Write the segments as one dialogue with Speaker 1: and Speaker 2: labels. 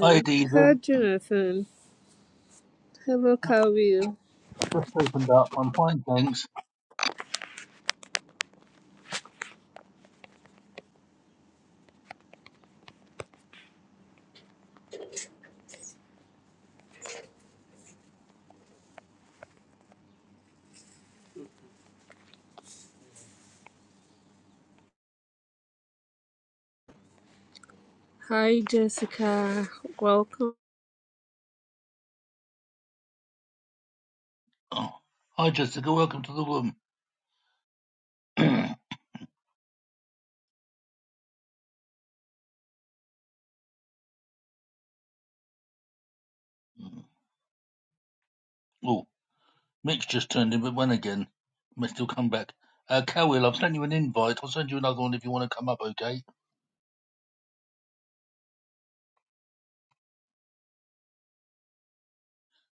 Speaker 1: Hi, Diva.
Speaker 2: Hi, Jonathan. Hello, Kawil.
Speaker 1: Just opened up. I'm fine, thanks.
Speaker 2: Hi, Jessica. Welcome.
Speaker 1: Oh. Hi, Jessica. Welcome to the room. oh, Mitch just turned in, but when again? May still come back. Uh, Cowell, I've sent you an invite. I'll send you another one if you want to come up, okay?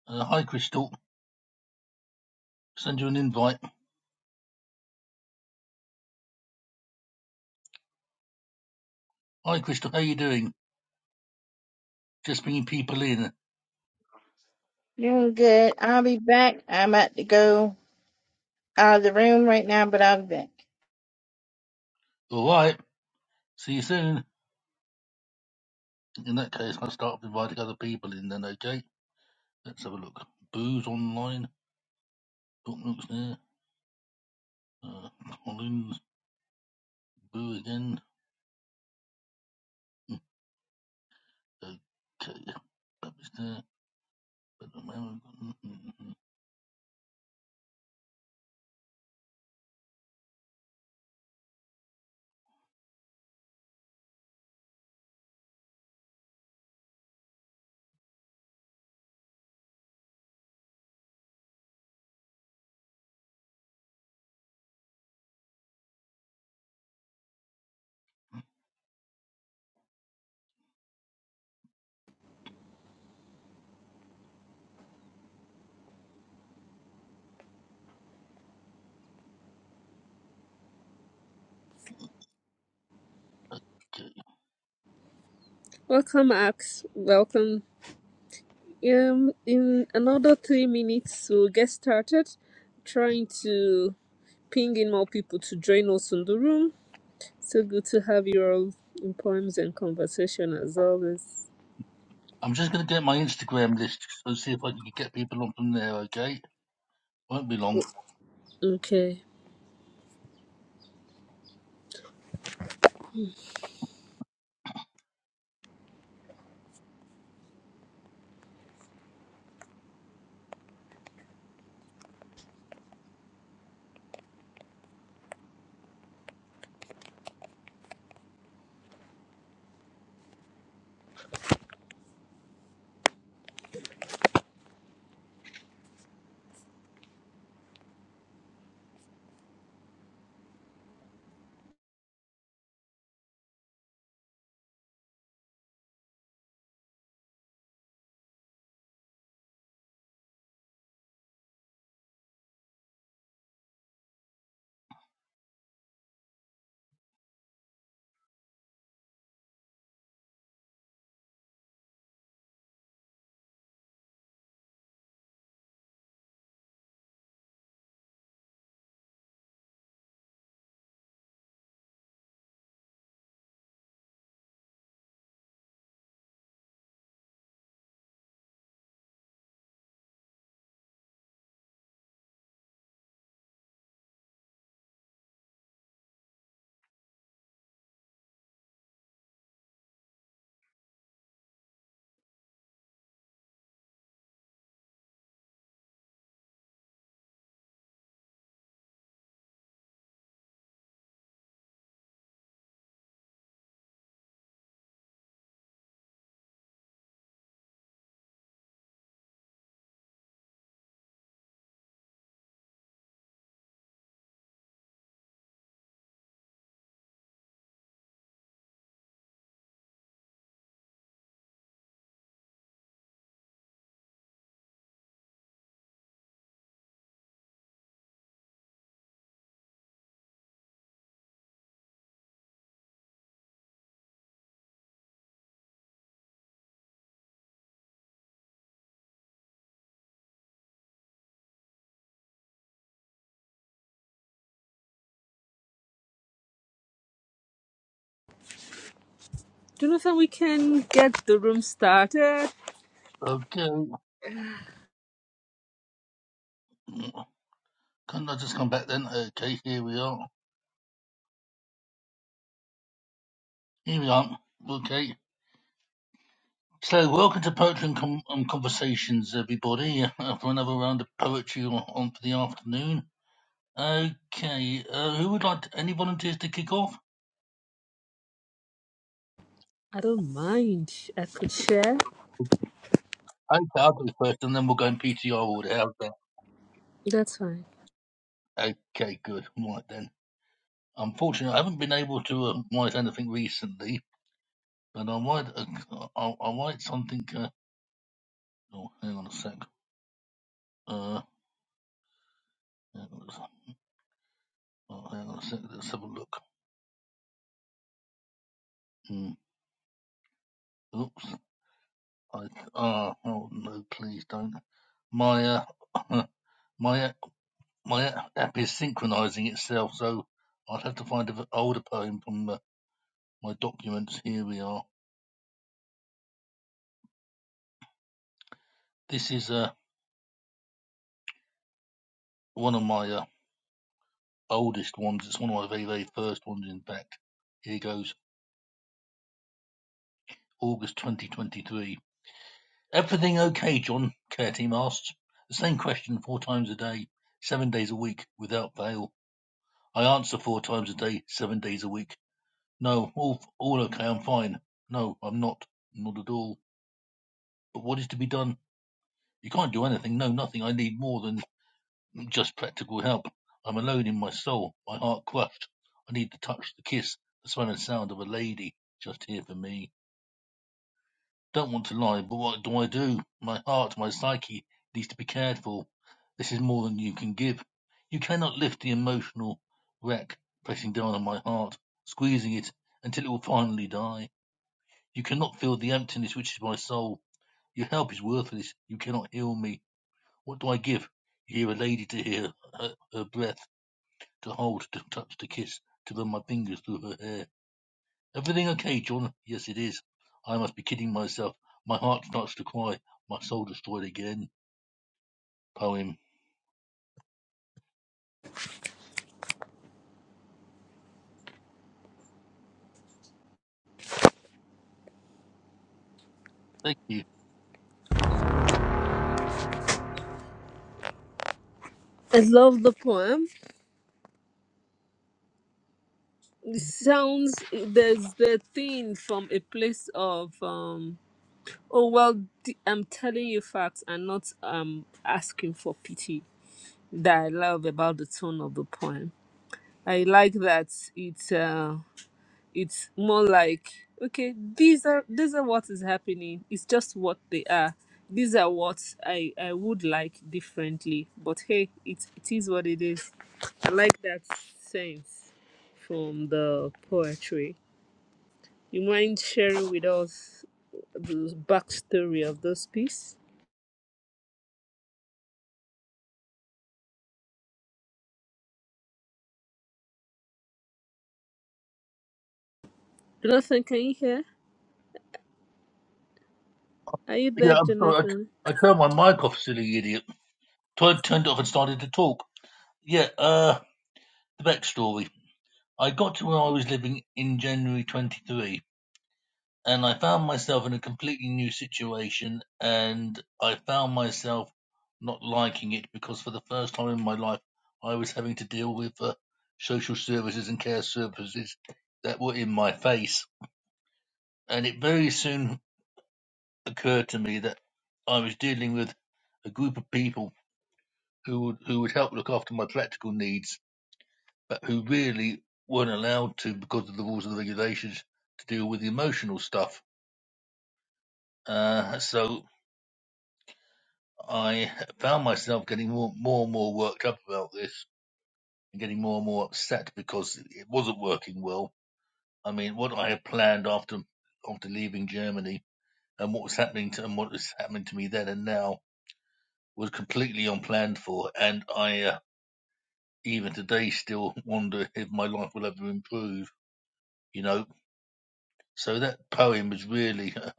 Speaker 1: Uh, hi, Crystal. Send you an invite. Hi, Crystal. How you doing? Just bringing people in.
Speaker 3: Doing good. I'll be back. I'm about to go out of the room right now, but I'll be back.
Speaker 1: All right. See you soon. In that case, I'll start inviting other people in then, okay? Let's have a look. Boo's online. Book looks there. Uh, Collins. Boo again. Okay, yeah, that was there. But the moment- I've got- mm, mm, mm. Okay,
Speaker 2: Welcome, Ax. Welcome. Um, in another three minutes, we'll get started trying to ping in more people to join us in the room. So good to have you all in poems and conversation as always.
Speaker 1: I'm just going to get my Instagram list and see if I can get people on from there. Okay, won't be long.
Speaker 2: Okay. Jonathan, we can get the room started.
Speaker 1: Okay, can't I just come back then? Okay, here we are. Here we are. Okay. So, welcome to Poetry and, Com- and Conversations, everybody, uh, for another round of poetry on on for the afternoon. Okay, uh, who would like to, any volunteers to kick off?
Speaker 2: I don't mind. I could share.
Speaker 1: Okay, I'll go first, and then we'll go in PTR order. How's that?
Speaker 2: That's fine.
Speaker 1: Okay, good. Right then. Unfortunately, I haven't been able to uh, write anything recently, but I'll write. A, I'll, I'll write something. Uh, oh, hang on a sec. Uh, hang on a sec. Oh, hang on a sec. Let's have a look. Hmm. Oops. I ah. Oh no, please don't. My uh, my my app is synchronizing itself, so I'll have to find an older poem from uh, my documents. Here we are. This is uh one of my uh, oldest ones. It's one of my very, very first ones, in fact. Here goes August 2023. Everything okay, John? Care team asks. The same question four times a day, seven days a week, without fail. I answer four times a day, seven days a week. No, all, all okay, I'm fine. No, I'm not. Not at all. But what is to be done? You can't do anything. No, nothing. I need more than just practical help. I'm alone in my soul, my heart crushed. I need the touch, the kiss, the smell and sound of a lady just here for me. Don't want to lie, but what do I do? My heart, my psyche needs to be cared for. This is more than you can give. You cannot lift the emotional wreck pressing down on my heart, squeezing it until it will finally die. You cannot fill the emptiness which is my soul. Your help is worthless. You cannot heal me. What do I give? You hear a lady to hear her, her breath, to hold, to touch, to kiss, to run my fingers through her hair. Everything okay, John? Yes, it is. I must be kidding myself. My heart starts to cry. My soul destroyed again. Poem. Thank you.
Speaker 2: I love the poem. it sounds there's the thing from a place of um oh well th- i'm telling you facts and not um asking for pity that i love about the tone of the poem i like that it's uh it's more like okay these are these are what is happening it's just what they are these are what i i would like differently but hey it it is what it is i like that sense from the poetry You mind sharing with us the backstory of this piece? Jonathan, can you hear? Are you there,
Speaker 1: Yeah, I'm sorry.
Speaker 2: Jonathan?
Speaker 1: I, I turned my mic off, silly idiot. Turned, turned it off and started to talk. Yeah, uh, the backstory. I got to where I was living in January 23. and I found myself in a completely new situation, and I found myself not liking it because for the first time in my life, I was having to deal with uh, social services and care services that were in my face. And it very soon occurred to me that I was dealing with a group of people who would, who would help look after my practical needs, but who really weren't allowed to, because of the rules and the regulations, to deal with the emotional stuff. Uh, so I found myself getting more, more and more worked up about this and getting more and more upset because it wasn't working well. I mean, what I had planned after after leaving Germany and what was happening to and what was happening to me then and now was completely unplanned for, and I uh, even today still wonder if my life will ever improve. You know, so that poem was really uh,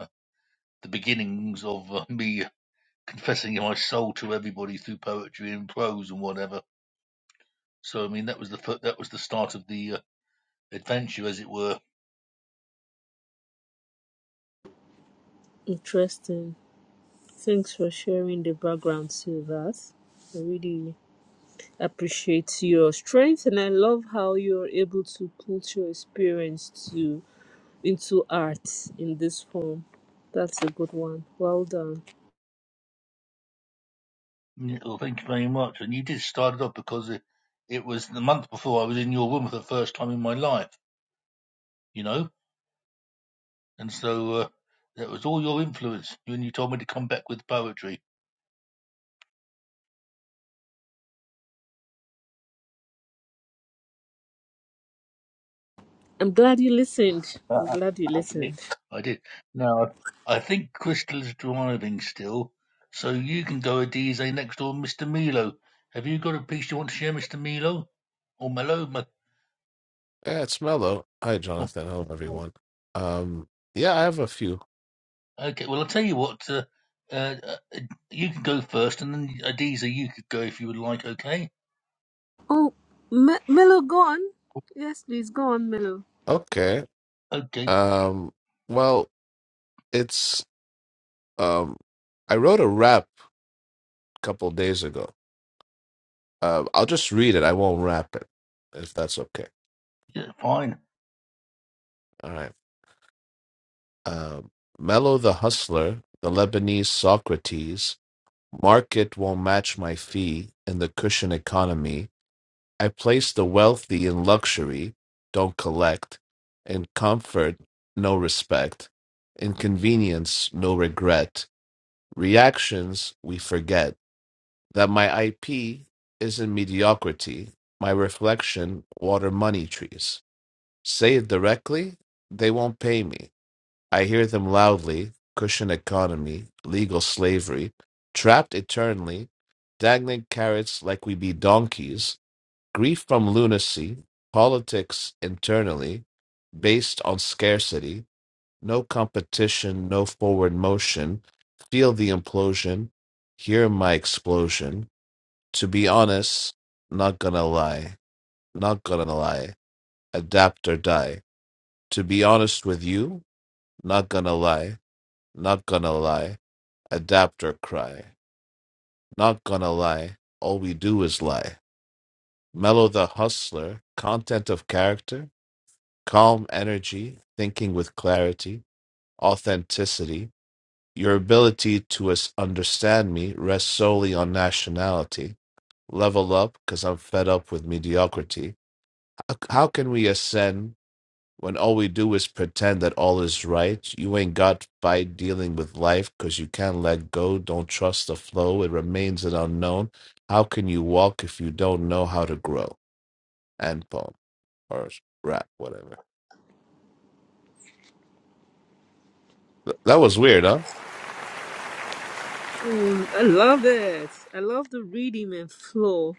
Speaker 1: the beginnings of uh, me confessing my soul to everybody through poetry and prose and whatever So I mean, that was the fir- that was the start of the uh, adventure, as it were.
Speaker 2: Interesting. Thanks for sharing the background to us. I really appreciate your strength and I love how you're able to put your experience to into art in this form. That's a good one. Well done.
Speaker 1: Yeah, well, thank you very much. And you did start it off because it, it was the month before I was in your room for the first time in my life, you know. And so uh, that was all your influence. When you told me to come back with poetry,
Speaker 2: I'm glad you listened. I'm
Speaker 1: I
Speaker 2: glad you
Speaker 1: did.
Speaker 2: listened.
Speaker 1: I did. Now I I think Crystal's driving still, so you can go a DZ next door, Mister Milo. Have you got a piece you want to share, Mister Milo, or Milo? Ma-
Speaker 4: Yeah, it's Mello. Hi,
Speaker 1: oh,
Speaker 4: Jonathan. Hello, everyone. Um, yeah, I have a few.
Speaker 1: Okay, well, I'll tell you what. Uh, uh, uh, you can go first, and then Adiza, you could go if you would like. Okay.
Speaker 2: Oh, Me- Melo, go on. Yes, please, go on, Melo.
Speaker 4: Okay.
Speaker 1: Okay.
Speaker 4: Um, well, it's um, I wrote a rap a couple days ago. Uh, I'll just read it. I won't rap it, if that's okay.
Speaker 1: Yeah, fine.
Speaker 4: All right. Um, Mello the hustler, the Lebanese Socrates. Market won't match my fee in the cushion economy. I place the wealthy in luxury, don't collect, in comfort, no respect, in convenience, no regret. Reactions, we forget that my IP isn't mediocrity, my reflection, water money trees. Say it directly, they won't pay me. I hear them loudly cushion economy, legal slavery, trapped eternally, dangling carrots like we be donkeys Grief from lunacy, politics internally, based on scarcity, no competition, no forward motion, feel the implosion, hear my explosion. To be honest, not gonna lie, not gonna lie, adapt or die. To be honest with you, not gonna lie, not gonna lie, adapt or cry, not gonna lie, all we do is lie. Mellow the hustler, content of character, calm energy, thinking with clarity, authenticity. Your ability to us- understand me rests solely on nationality. Level up because I'm fed up with mediocrity. How how can we ascend when all we do is pretend that all is right? You ain't got fight dealing with life because you can't let go, don't trust the flow, it remains an unknown. How can you walk if you don't know how to grow? And poem or rap, whatever. Th- That was weird, huh?
Speaker 2: Mm, I love it. I love the rhythm and flow.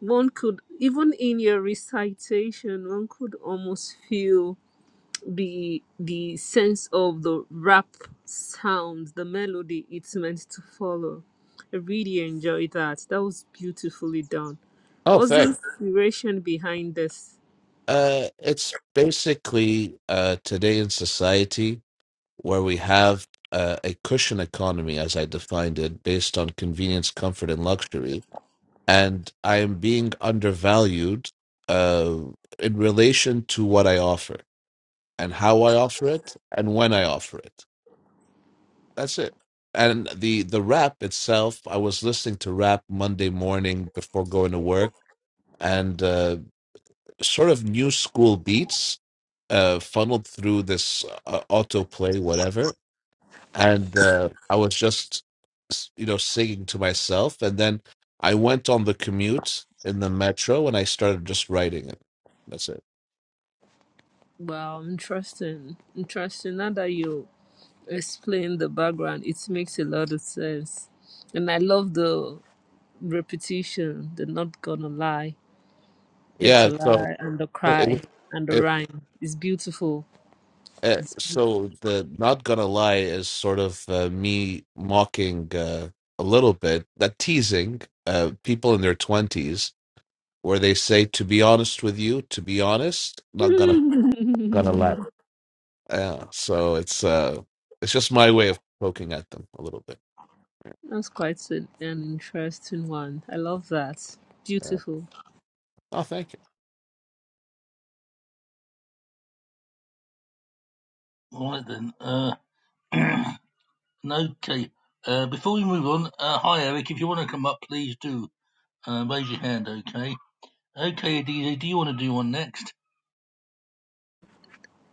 Speaker 2: One could even in your recitation, one could almost feel the the sense of the rap sound, the melody it's meant to follow. I really enjoyed that. That was beautifully done.
Speaker 4: Oh,
Speaker 2: What's the
Speaker 4: thanks.
Speaker 2: inspiration behind this?
Speaker 4: Uh, it's basically uh, today in society where we have uh, a cushion economy, as I defined it, based on convenience, comfort, and luxury. and I am being undervalued uh, in relation to what I offer and how I offer it and when I offer it. That's it. And the the rap itself, I was listening to rap Monday morning before going to work, and uh, sort of new school beats uh, funneled through this uh, autoplay, whatever and uh, I was just, s- you know, singing to myself. And then I went on the commute in the metro, and I started just writing it. That's it.
Speaker 2: Wow, interesting. Interesting. Now that you explain the background, it makes a lot of sense. And I love the repetition, the not gonna lie, yet to
Speaker 4: Yeah. So
Speaker 2: lie, and the
Speaker 4: so it,
Speaker 2: cry,
Speaker 4: was-
Speaker 2: and the
Speaker 4: it,
Speaker 2: rhyme is beautiful.
Speaker 4: uh, so the not gonna lie is sort of uh, me mocking uh, a little bit that teasing uh, people in their twenties where they say to be honest with you, to be honest, not gonna gonna lie. Yeah. So it's uh, it's just my way of poking at them a little bit.
Speaker 2: That's quite an, an interesting one. I love that.
Speaker 4: Yeah.
Speaker 2: Beautiful.
Speaker 4: Oh, thank you.
Speaker 1: All right then. Uh, okay. Uh, before we move on, uh, hi Eric. If you want to come up, please do. Uh, raise your hand. Okay. Okay, Adiza, do you want to do one next?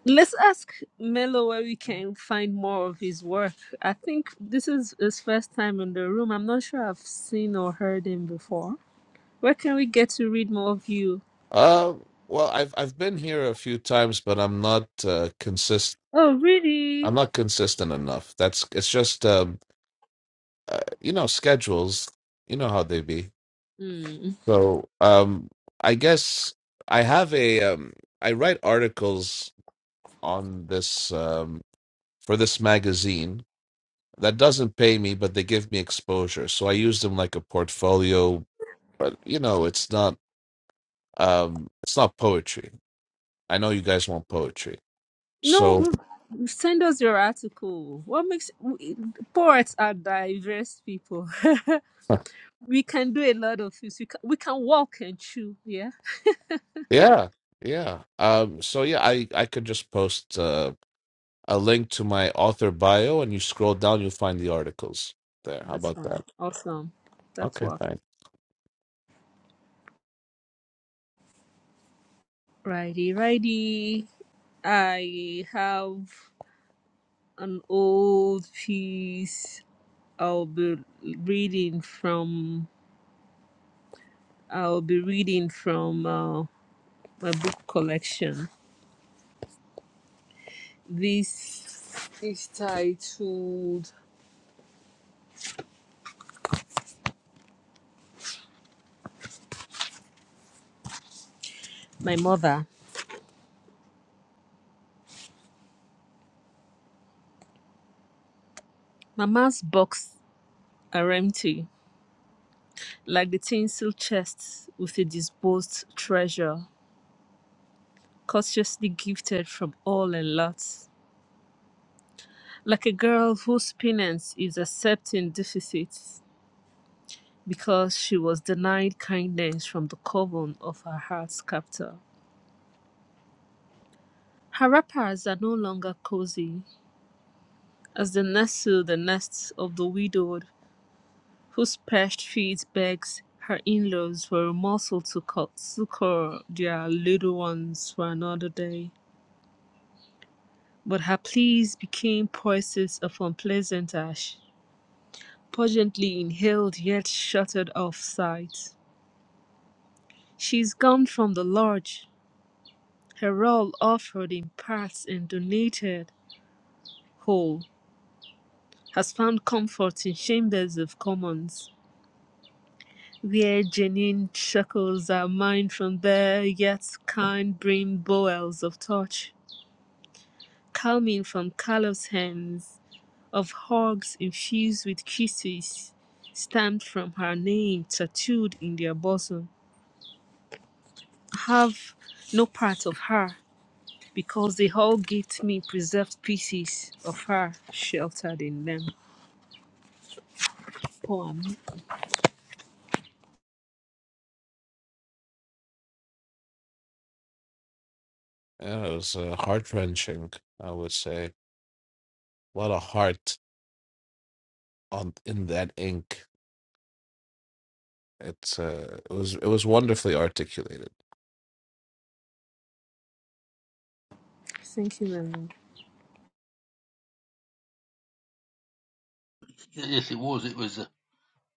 Speaker 2: Let's ask Melo where we can find more of his work. I think this is his first time in the room. I'm not sure I've seen or heard him before. Where can we get to read more of you?
Speaker 4: Uh, well, I've I've been here a few times, but I'm not uh, consist.
Speaker 2: Oh,
Speaker 4: I'm
Speaker 2: really?
Speaker 4: not consistent enough. That's it's just um, uh, you know schedules. You know how they be. So um, I guess I have a um, I write articles on this um, for this magazine that doesn't pay me, but they give me exposure. So I use them like a portfolio. But you know, it's not um, it's not poetry. I know you guys want poetry,
Speaker 2: No,
Speaker 4: so.
Speaker 2: w- send us your article. What makes w- poets are diverse people. we can do a lot of things. We can, we can walk and chew. Yeah,
Speaker 4: Yeah, yeah. Um, so yeah, I I could just post uh, a link to my author bio, and you scroll down, you'll find the articles there. How
Speaker 2: that's
Speaker 4: about
Speaker 2: fine.
Speaker 4: that?
Speaker 2: Awesome. That's
Speaker 4: Okay,
Speaker 2: what.
Speaker 4: thanks.
Speaker 2: Righty, righty. I have an old piece. I'll be reading from. I'll be reading from uh, my book collection. This is titled "My Mother." Mama's boxes are empty, like the tinsel chests with a disposed treasure, cautiously gifted from all and lots. Like a girl whose penance is accepting deficits because she was denied kindness from the coven of her heart's captor. Her wrappers are no longer cozy, as they nestle the nests of the widowed whose parched feet begs her in-laws for a morsel to succor their little ones for another day. But her pleas became voices of unpleasant ash, pungently inhaled yet shuttered off sight. She's gone from the lodge. Her all offered in parts and donated whole has found comfort in chambers of commons Where Janine chuckles our mind from there, yet can't bring bowels of touch, calming from callous hands, of hugs infused with kisses, stamped from her name, tattooed in their bosom. Have no part of her, because they all get me preserved pieces of her sheltered in them. Poem.
Speaker 4: Yeah, it was uh, heart wrenching, I would say. A lot of heart on in that ink. It's uh, it was it was wonderfully articulated.
Speaker 2: Thank you, Nana.
Speaker 1: Y- Yes, it was. It was uh,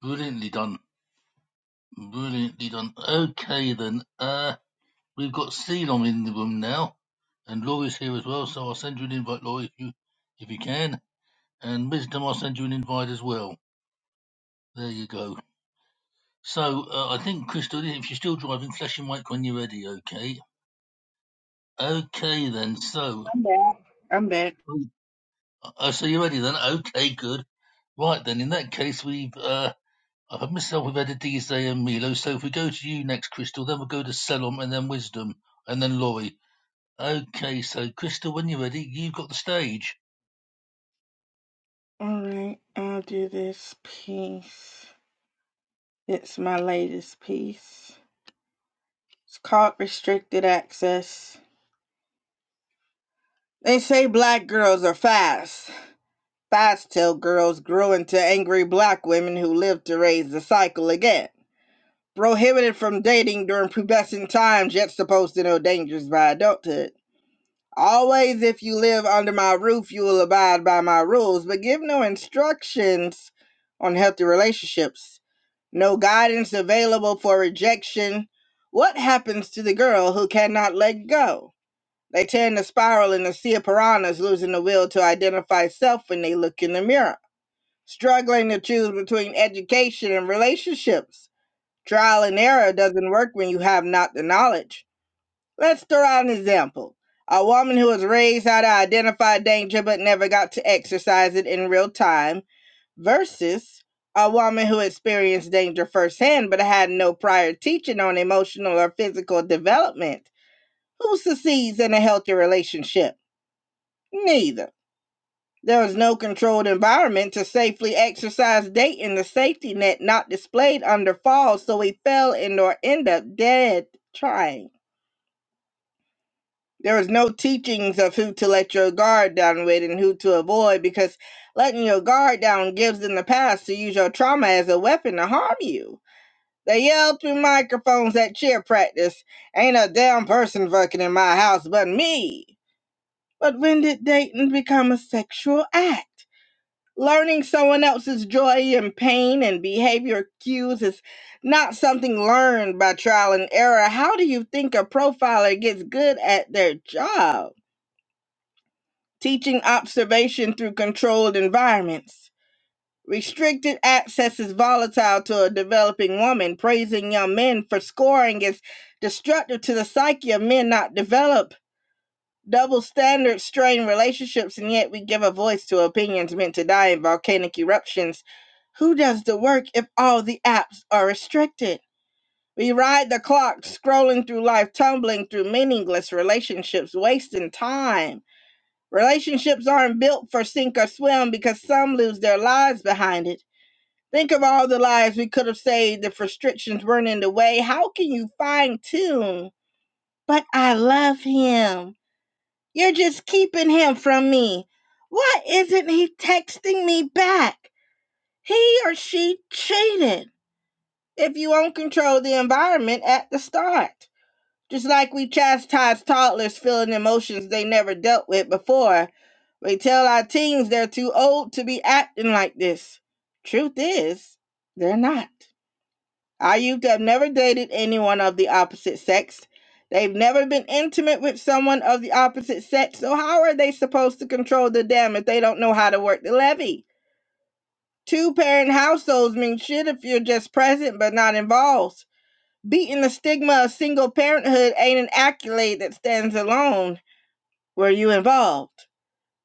Speaker 1: brilliantly done. Brilliantly done. Okay then. Uh, we've got Ceylon in the room now, and Laura's here as well. So I'll send you an invite, Laura, if you if you can. And wisdom, I'll send you an invite as well. There you go. So uh, I think, Crystal, if you're still driving, flash your mic when you're ready, okay? Okay, then. So,
Speaker 3: I'm back. I'm back.
Speaker 1: oh, uh, so you're ready then? Okay, good. Right, then. In that case, we've, uh, I've myself, we've had a D J and Milo. So if we go to you next, Crystal, then we'll go to Selom and then Wisdom and then Laurie. Okay, so Crystal, when you're ready, you've got the stage.
Speaker 3: All right, I'll do this piece. It's my latest piece. It's called Restricted Access. They say black girls are fast. Fast tail girls grow into angry black women who live to raise the cycle again. Prohibited from dating during pubescent times, yet supposed to know dangers by adulthood. Always, if you live under my roof, you will abide by my rules, but give no instructions on healthy relationships. No guidance available for rejection. What happens to the girl who cannot let go? They tend to spiral in the sea of piranhas, losing the will to identify self when they look in the mirror, struggling to choose between education and relationships. Trial and error doesn't work when you have not the knowledge. Let's throw out an example. A woman who was raised how to identify danger but never got to exercise it in real time versus a woman who experienced danger firsthand but had no prior teaching on emotional or physical development. Who succeeds in a healthy relationship? Neither. There was no controlled environment to safely exercise dating the safety net not displayed under falls, so we fell and or end up dead trying. There was no teachings of who to let your guard down with and who to avoid because letting your guard down gives them the pass to use your trauma as a weapon to harm you. They yelled through microphones at cheer practice, ain't a damn person fucking in my house but me. But when did dating become a sexual act? Learning someone else's joy and pain and behavior cues is not something learned by trial and error. How do you think a profiler gets good at their job? teaching observation through controlled environments. Restricted access is volatile to a developing woman. Praising young men for scoring is destructive to the psyche of men not developed. Double standards strain relationships, and yet we give a voice to opinions meant to die in volcanic eruptions. Who does the work if all the apps are restricted? We ride the clock, scrolling through life, tumbling through meaningless relationships, wasting time Relationships aren't built for sink or swim because some lose their lives behind it. Think of all the lives we could have saved if restrictions weren't in the way. How can you fine tune? But I love him. You're just keeping him from me. Why isn't he texting me back? He or she cheated. If you won't control the environment at the start. Just like we chastise toddlers feeling emotions they never dealt with before, we tell our teens they're too old to be acting like this. Truth is, they're not. Our youth have never dated anyone of the opposite sex. They've never been intimate with someone of the opposite sex, so how are they supposed to control the dam if they don't know how to work the levee? Two parent households mean shit if you're just present but not involved. Beating the stigma of single parenthood ain't an accolade that stands alone. Were you involved?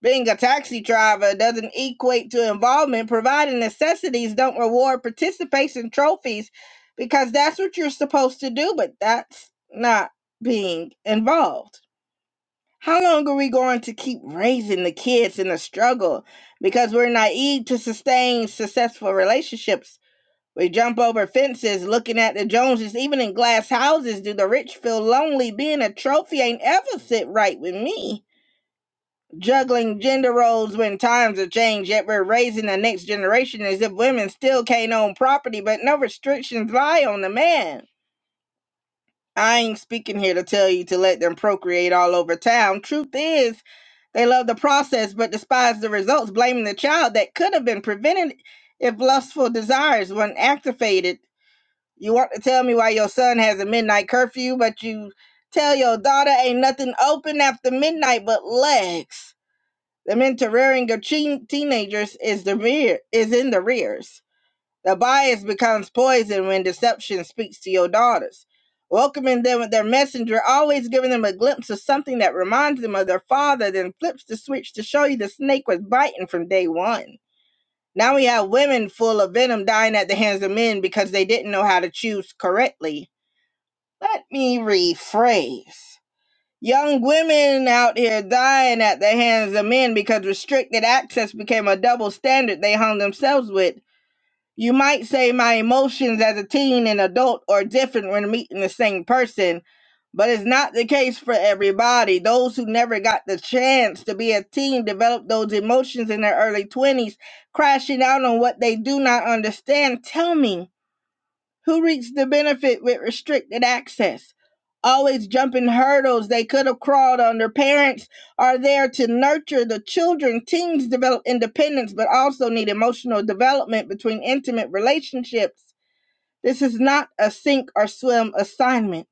Speaker 3: Being a taxi driver doesn't equate to involvement, providing necessities don't reward participation trophies because that's what you're supposed to do, but that's not being involved. How long are we going to keep raising the kids in the struggle because we're naive to sustain successful relationships? We jump over fences looking at the Joneses. Even in glass houses, do the rich feel lonely? Being a trophy ain't ever sit right with me. Juggling gender roles when times have changed, yet we're raising the next generation as if women still can't own property, but no restrictions lie on the man. I ain't speaking here to tell you to let them procreate all over town. Truth is, they love the process but despise the results, blaming the child that could have been prevented if lustful desires weren't activated you want to tell me why your son has a midnight curfew, but you tell your daughter ain't nothing open after midnight but legs. The mental rearing of teen- teenagers is the rear is in the rears. The bias becomes poison when deception speaks to your daughters. Welcoming them with their messenger, always giving them a glimpse of something that reminds them of their father, then flips the switch to show you the snake was biting from day one. Now we have women full of venom dying at the hands of men because they didn't know how to choose correctly let me rephrase. Young women out here dying at the hands of men because restricted access became a double standard they hung themselves with. You might say my emotions as a teen and adult are different when meeting the same person, but it's not the case for everybody. Those who never got the chance to be a teen develop those emotions in their early 20s, crashing out on what they do not understand. Tell me. Who reaps the benefit with restricted access? Always jumping hurdles they could have crawled on. Their parents are there to nurture the children. Teens develop independence but also need emotional development between intimate relationships. This is not a sink or swim assignment.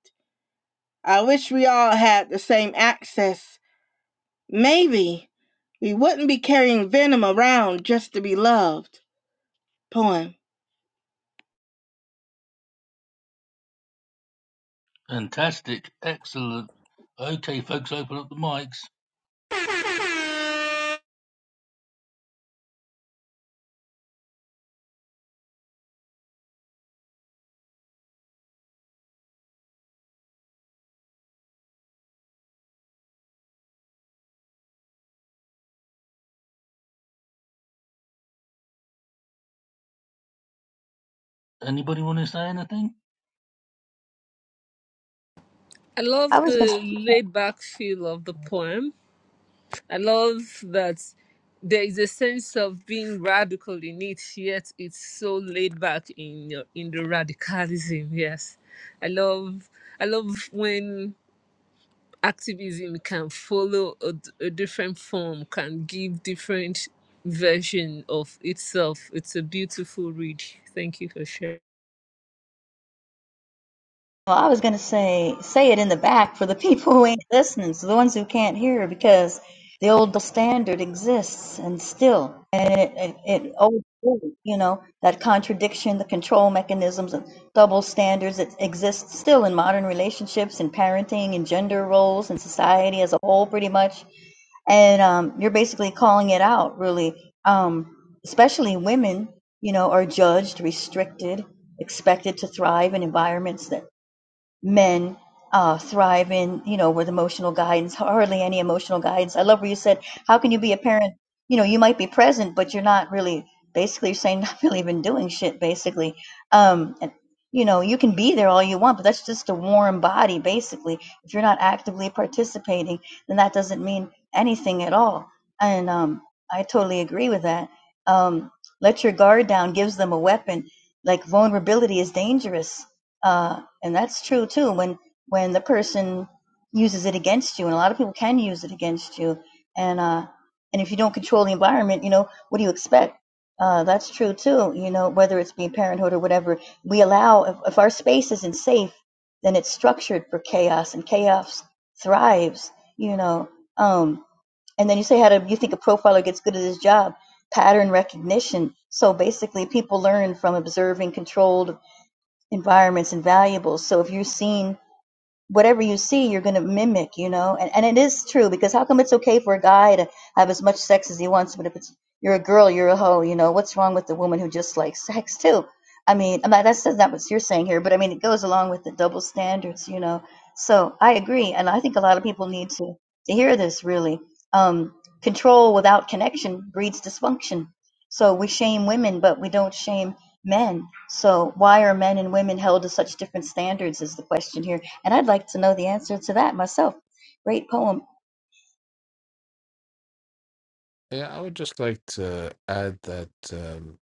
Speaker 3: I wish we all had the same access. Maybe we wouldn't be carrying venom around just to be loved. Poem.
Speaker 1: Fantastic. Excellent. Okay, folks, open up the mics. Anybody want to say anything?
Speaker 2: I love
Speaker 5: I was
Speaker 2: the laid back feel of the poem I love that there is a sense of being radical in it, yet it's so laid back in your in the radicalism. Yes, I love I love when activism can follow a, d- a different form, can give different version of itself. It's a beautiful read. Thank you for sharing.
Speaker 5: Well, I was going to say, say it in the back for the people who ain't listening, so the ones who can't hear, because the old standard exists and still, and it, it, it old, you know, that contradiction, the control mechanisms, and double standards, it exists still in modern relationships and parenting and gender roles and society as a whole, pretty much. And um, you're basically calling it out, really. Um, especially women, you know, are judged, restricted, expected to thrive in environments that men uh, thrive in, you know, with emotional guidance, hardly any emotional guidance. I love where you said, how can you be a parent? You know, you might be present, but you're not really, basically, you're saying not really even doing shit, basically. Um, and, you know, you can be there all you want, but that's just a warm body, basically. If you're not actively participating, then that doesn't mean anything at all. And um, I totally agree with that. Um, let your guard down gives them a weapon. Like vulnerability is dangerous Uh, and that's true too when when the person uses it against you and a lot of people can use it against you and uh and if you don't control the environment you know what do you expect uh that's true too you know whether it's being parenthood or whatever we allow if, if our space isn't safe then it's structured for chaos and chaos thrives you know um and then you say how do you think a profiler gets good at his job pattern recognition so basically people learn from observing controlled environment's and valuables. So if you're seen whatever you see, you're going to mimic, you know? And, and it is true because how come it's okay for a guy to have as much sex as he wants, but if it's you're a girl, you're a hoe, you know? What's wrong with the woman who just likes sex too? I mean, I'm not, that's not what you're saying here, but I mean, it goes along with the double standards, you know? So I agree. And I think a lot of people need to, to hear this really. Um, control without connection breeds dysfunction. So we shame women, but we don't shame men. So why are men and women held to such different standards is the question here and I'd like to know the answer to that myself. Great poem.
Speaker 4: Yeah, I would just like to add that um,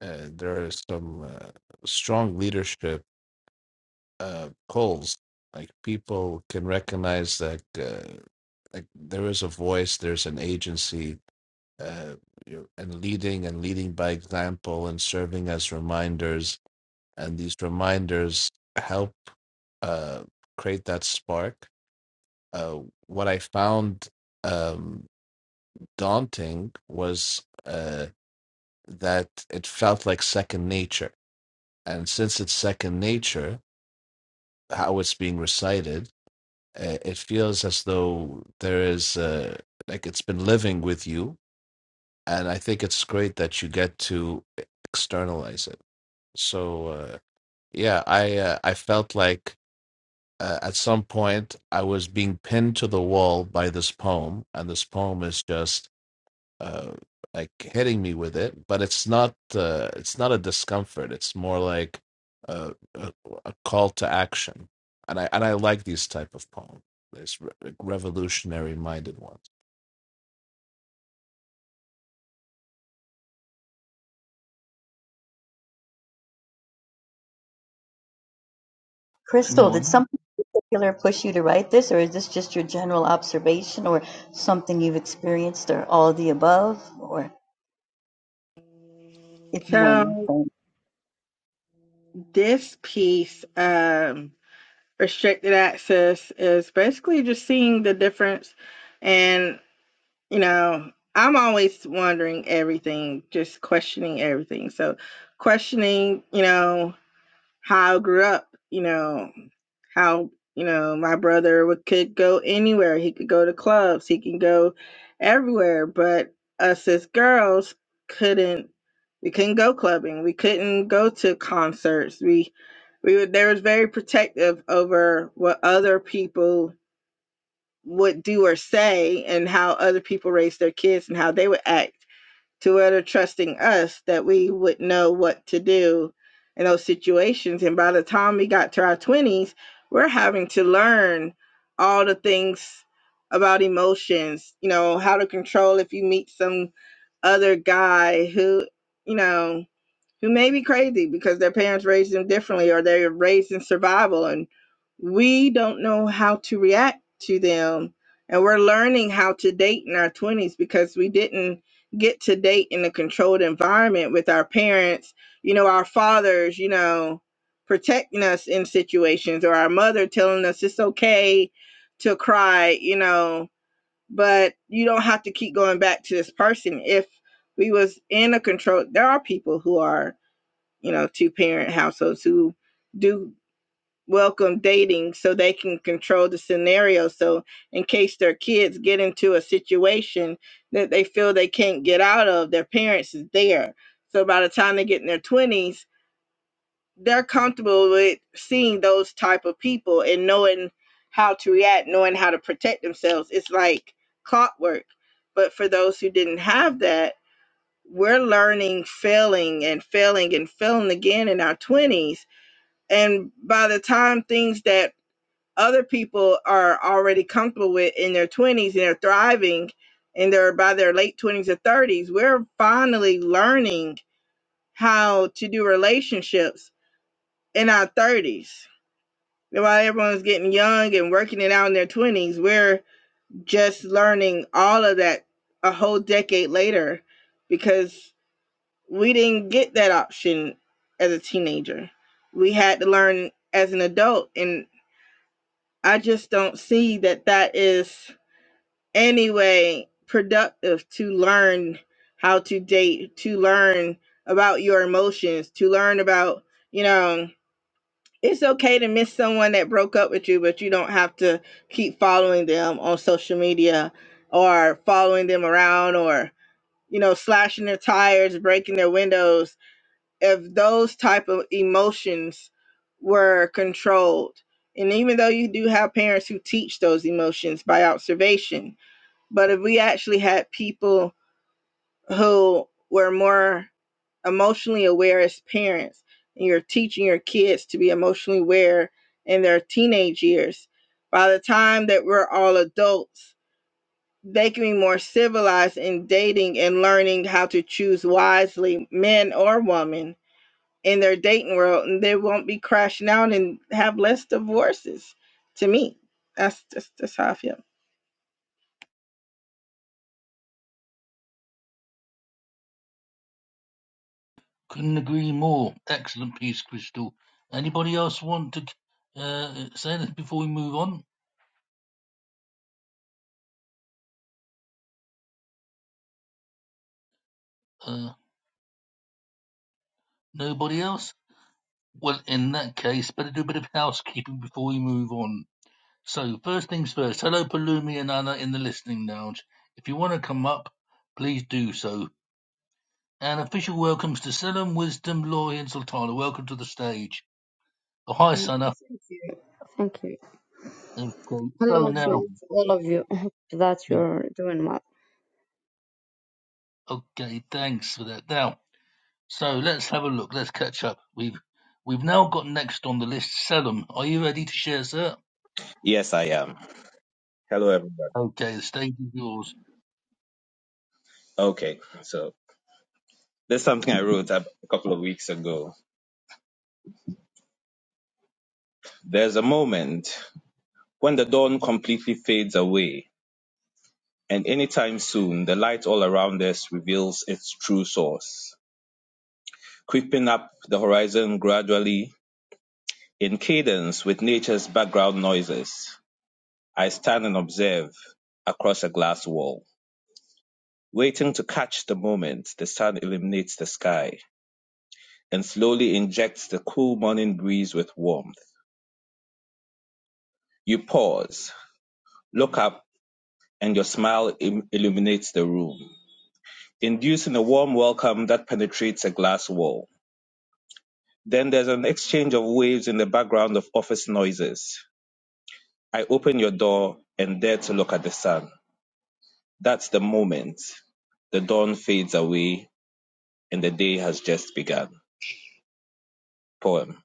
Speaker 4: uh, there is some uh, strong leadership uh calls like people can recognize that uh, like there is a voice there's an agency uh you know, and leading and leading by example and serving as reminders and these reminders help uh create that spark uh what i found um daunting was uh that it felt like second nature and since it's second nature how it's being recited uh, it feels as though there is uh, like it's been living with you and i think it's great that you get to externalize it so uh, yeah i uh, i felt like uh, at some point i was being pinned to the wall by this poem and this poem is just uh, like hitting me with it, but it's not uh, it's not a discomfort. It's more like a, a, a call to action, and I and I like these type of poems. There's re- revolutionary minded ones.
Speaker 5: Crystal,
Speaker 1: Anyone
Speaker 5: did
Speaker 1: else?
Speaker 5: something in particular push you to write this, or is this just your general observation, or something you've experienced, or all of the above, or if you want
Speaker 3: So
Speaker 5: to
Speaker 3: this piece, um, restricted access is basically just seeing the difference and you know i'm always wondering everything just questioning everything so questioning you know how i grew up you know how you know my brother would could go anywhere he could go to clubs he can go everywhere but us as girls couldn't we couldn't go clubbing we couldn't go to concerts we we were They was very protective over what other people would do or say and how other people raised their kids and how they would act to where they're trusting us that we would know what to do in those situations. And by the time we got to our 20s, we're having to learn all the things about emotions, you know, how to control if you meet some other guy who, you know, who may be crazy because their parents raised them differently or they're raised in survival and we don't know how to react to them and we're learning how to date in our 20s because we didn't get to date in a controlled environment with our parents you know our fathers you know protecting us in situations or our mother telling us it's okay to cry you know but you don't have to keep going back to this person if we was in a control there are people who are you know, two parent households who do welcome dating so they can control the scenario. So, in case their kids get into a situation that they feel they can't get out of, their parents is there. So, by the time they get in their 20s, they're comfortable with seeing those type of people and knowing how to react, knowing how to protect themselves. It's like clockwork. But for those who didn't have that, we're learning failing and failing and failing again in our 20s and by the time things that other people are already comfortable with in their 20s and they're thriving and they're by their late 20s or 30s, we're finally learning how to do relationships in our 30s. And While everyone's getting young and working it out in their 20s, we're just learning all of that a whole decade later because we didn't get that option as a teenager. We had to learn as an adult. And I just don't see that that is any way productive to learn how to date, to learn about your emotions, to learn about, you know, it's okay to miss someone that broke up with you, but you don't have to keep following them on social media or following them around or, you know, slashing their tires, breaking their windows if those type of emotions were controlled and even though you do have parents who teach those emotions by observation but if we actually had people who were more emotionally aware as parents and you're teaching your kids to be emotionally aware in their teenage years by the time that we're all adults they can be more civilized in dating and learning how to choose wisely men or women in their dating world and they won't be crashing out and have less divorces to me that's just that's how i feel
Speaker 1: Couldn't agree more. Excellent piece, Crystal. Anybody else want to uh, say anything before we move on? Uh, nobody else? Well, in that case, better do a bit of housekeeping before we move on. So, first things first, hello, Palumi and Anna in the listening lounge. If you want to come up, please do so. And official welcomes to Selim, Wisdom, Laurie, and Sultana. Welcome to the stage. Oh, hi,
Speaker 6: Mm,
Speaker 1: Sana.
Speaker 6: Thank you. Thank you.
Speaker 1: Okay, so
Speaker 6: Hello to,
Speaker 1: now,
Speaker 6: to all of you. I hope that
Speaker 1: yeah,
Speaker 6: you're doing well.
Speaker 1: okay, thanks for that. Now, So let's have a look. Let's catch up. We've we've now got next on the list Salem. Are you ready to share, sir?
Speaker 7: Yes, I am. Hello, everybody.
Speaker 1: Okay, the stage is yours.
Speaker 7: Okay, so there's something I wrote up a couple of weeks ago. There's a moment when the dawn completely fades away, and anytime soon, the light all around us reveals its true source, creeping up the horizon gradually in cadence with nature's background noises. I stand and observe across a glass wall, waiting to catch the moment the sun illuminates the sky and slowly injects the cool morning breeze with warmth. You pause, look up, and your smile im- illuminates the room, inducing a warm welcome that penetrates a glass wall. Then there's an exchange of waves in the background of office noises. I open your door and dare to look at the sun. That's the moment. The dawn fades away and the day has just begun. Poem.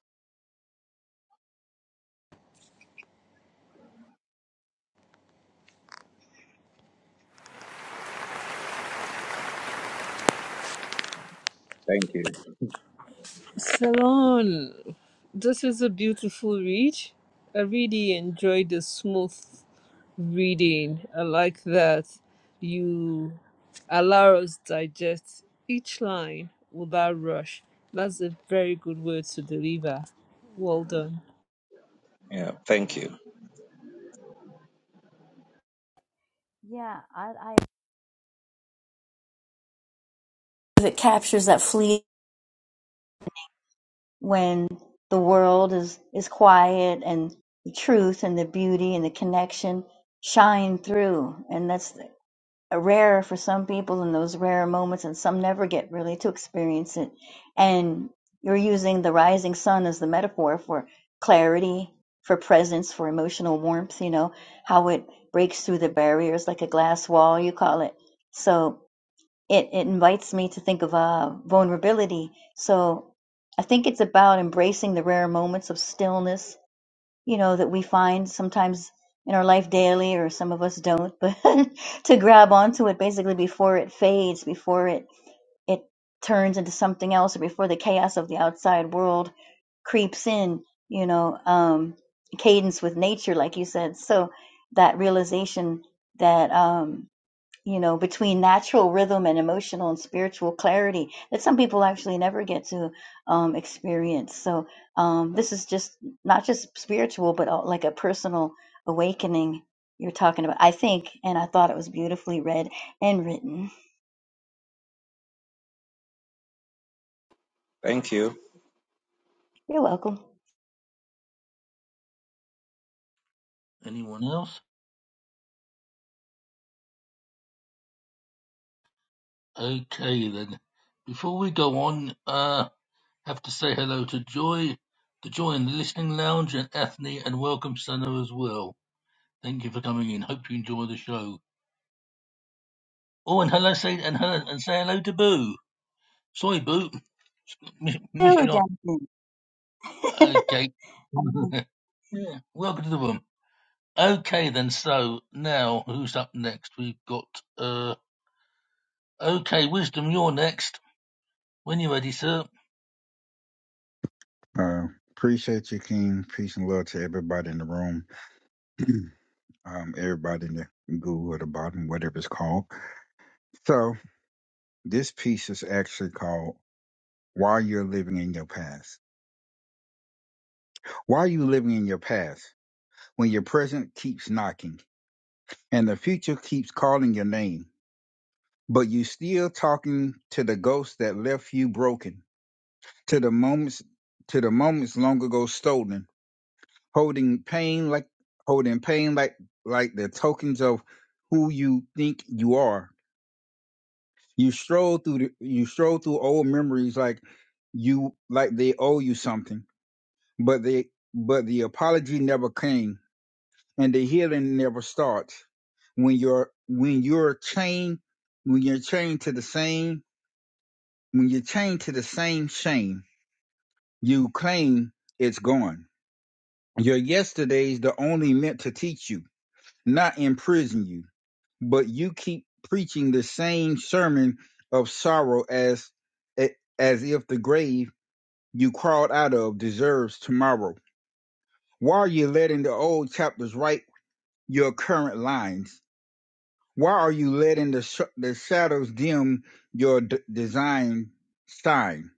Speaker 7: Thank you.
Speaker 2: Salon, this is a beautiful read. I really enjoyed the smooth reading. I like that you allow us digest each line without rush. That's a very good word to deliver. Well done.
Speaker 7: Yeah, thank you.
Speaker 5: Yeah, I, I if it captures that fleet. when the world is is quiet and the truth and the beauty and the connection shine through and that's uh, rare for some people in those rare moments, and some never get really to experience it. And you're using the rising sun as the metaphor for clarity, for presence, for emotional warmth, you know, how it breaks through the barriers like a glass wall, you call it. So it, it invites me to think of uh, vulnerability. So I think it's about embracing the rare moments of stillness you know, that we find sometimes in our life daily, or some of us don't, but to grab onto it basically before it fades, before it, it turns into something else, or before the chaos of the outside world creeps in, you know, um, cadence with nature, like you said. So that realization that, um, you know, between natural rhythm and emotional and spiritual clarity that some people actually never get to um, experience. So um, this is just not just spiritual, but uh, like a personal awakening you're talking about. I think, and I thought it was beautifully read and written.
Speaker 7: Thank you.
Speaker 5: You're welcome.
Speaker 1: Anyone else? Okay then. Before we go on, uh, have to say hello to Joy, to Joy in the listening lounge, and Ethne, and welcome Senna as well. Thank you for coming in. Hope you enjoy the show. Oh, and hello, say and hello, and say hello to Boo. Sorry, Boo, missed
Speaker 5: Hello,
Speaker 1: you. Not
Speaker 5: Jonathan.
Speaker 1: okay. yeah, welcome to the room. Okay then, so now who's up next? We've got uh okay, Wisdom, you're next. When you're ready, sir.
Speaker 8: Uh, appreciate you, King. Peace and love to everybody in the room, um, everybody in the goo or the bottom, whatever it's called. So this piece is actually called "Why You're Living in Your Past." Why are you living in your past when your present keeps knocking and the future keeps calling your name, but you still talking to the ghosts that left you broken, to the moments, to the moments long ago stolen holding pain like holding pain like like the tokens of who you think you are. You stroll through the, you stroll through old memories like you like they owe you something, but they but the apology never came and the healing never starts. When you're when you're chained when you're chained to the same when you're chained to the same shame, you claim it's gone. Your yesterday's the only meant to teach you, not imprison you but you keep preaching the same sermon of sorrow as as if the grave you crawled out of deserves tomorrow. Why are you letting the old chapters write your current lines? Why are you letting the sh- the shadows dim your d- design sign?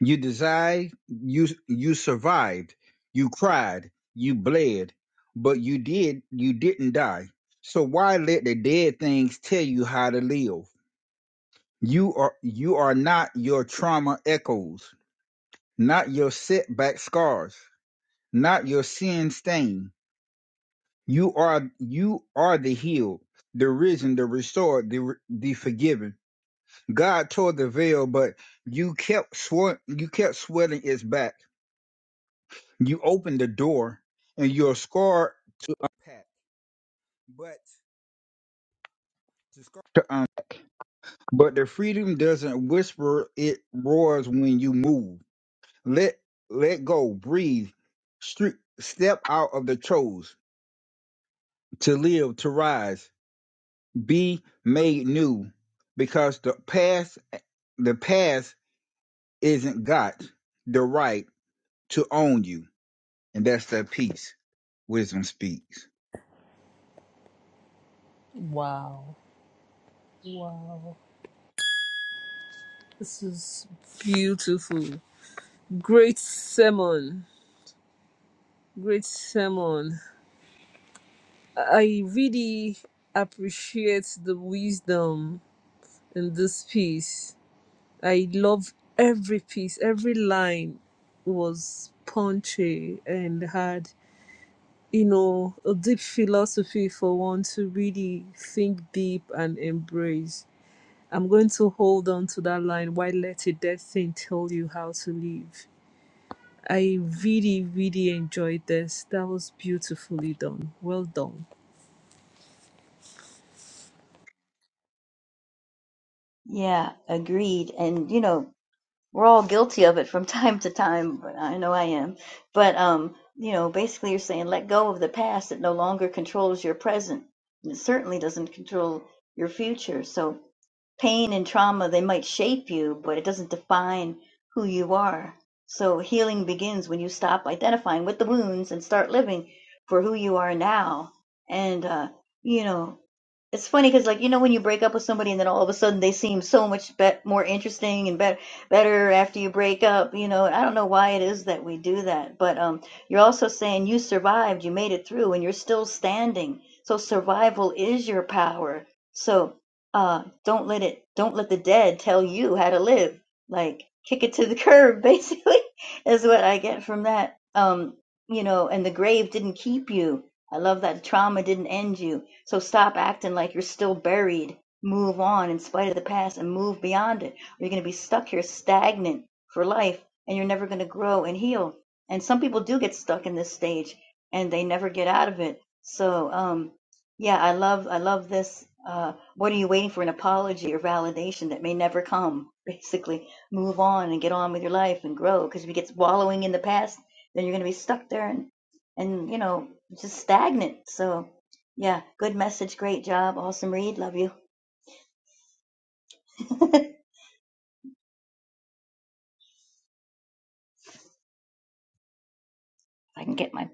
Speaker 8: You desired, you you survived, you cried, you bled, but you did you didn't die. So why let the dead things tell you how to live? You are you are not your trauma echoes, not your setback scars, not your sin stain. You are you are the healed, the risen, the restored, the the forgiven. God tore the veil, but you kept swe- you kept sweating its back. You opened the door, and your scar unpacked. But the scar, um, but the freedom doesn't whisper; it roars when you move. Let let go, breathe, stre- step out of the chose, to live, to rise, be made new, because the past the past isn't got the right to own you, and that's the peace wisdom speaks.
Speaker 2: Wow. Wow. This is beautiful. Great sermon. Great sermon. I really appreciate the wisdom in this piece. I love every piece, every line was punchy and had, you know, a deep philosophy for one to really think deep and embrace. I'm going to hold on to that line. Why let a dead thing tell you how to live? I really, really enjoyed this. That was beautifully done. Well done.
Speaker 5: yeah, agreed. And you know, we're all guilty of it from time to time but i know i am but um you know basically you're saying let go of the past it no longer controls your present and it certainly doesn't control your future so pain and trauma they might shape you but it doesn't define who you are so healing begins when you stop identifying with the wounds and start living for who you are now and uh you know it's funny because, like, you know, when you break up with somebody and then all of a sudden they seem so much be- more interesting and better better after you break up, you know, I don't know why it is that we do that. But um, you're also saying you survived, you made it through, and you're still standing. So survival is your power. So uh, don't let it, don't let the dead tell you how to live. Like, kick it to the curb, basically, is what I get from that. Um, you know, and the grave didn't keep you I love that trauma didn't end you. So stop acting like you're still buried. Move on in spite of the past and move beyond it. Or you're going to be stuck here stagnant for life and you're never going to grow and heal. And some people do get stuck in this stage and they never get out of it. So, um, yeah, I love, I love this. Uh, what are you waiting for? An apology or validation that may never come. Basically, move on and get on with your life and grow. Because if you get wallowing in the past, then you're going to be stuck there and and you know just stagnant. So, yeah, good message. Great job. Awesome read. Love you. If I can get my.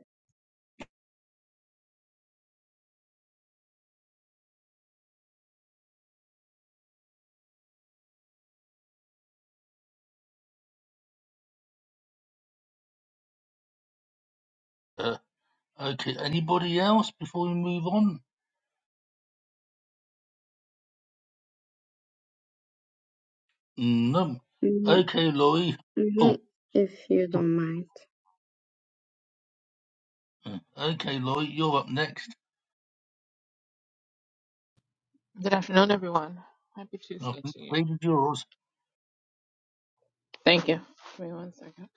Speaker 1: Uh okay, anybody else before we move on? No.
Speaker 6: Mm,
Speaker 1: Okay, Laurie.
Speaker 6: mm,
Speaker 1: Oh
Speaker 6: If you don't mind.
Speaker 1: uh, okay, Laurie, you're up next.
Speaker 9: Good afternoon, everyone. Happy
Speaker 1: I
Speaker 9: Tuesday
Speaker 1: think
Speaker 9: to you.
Speaker 1: stage is yours.
Speaker 9: Thank you. Give one second.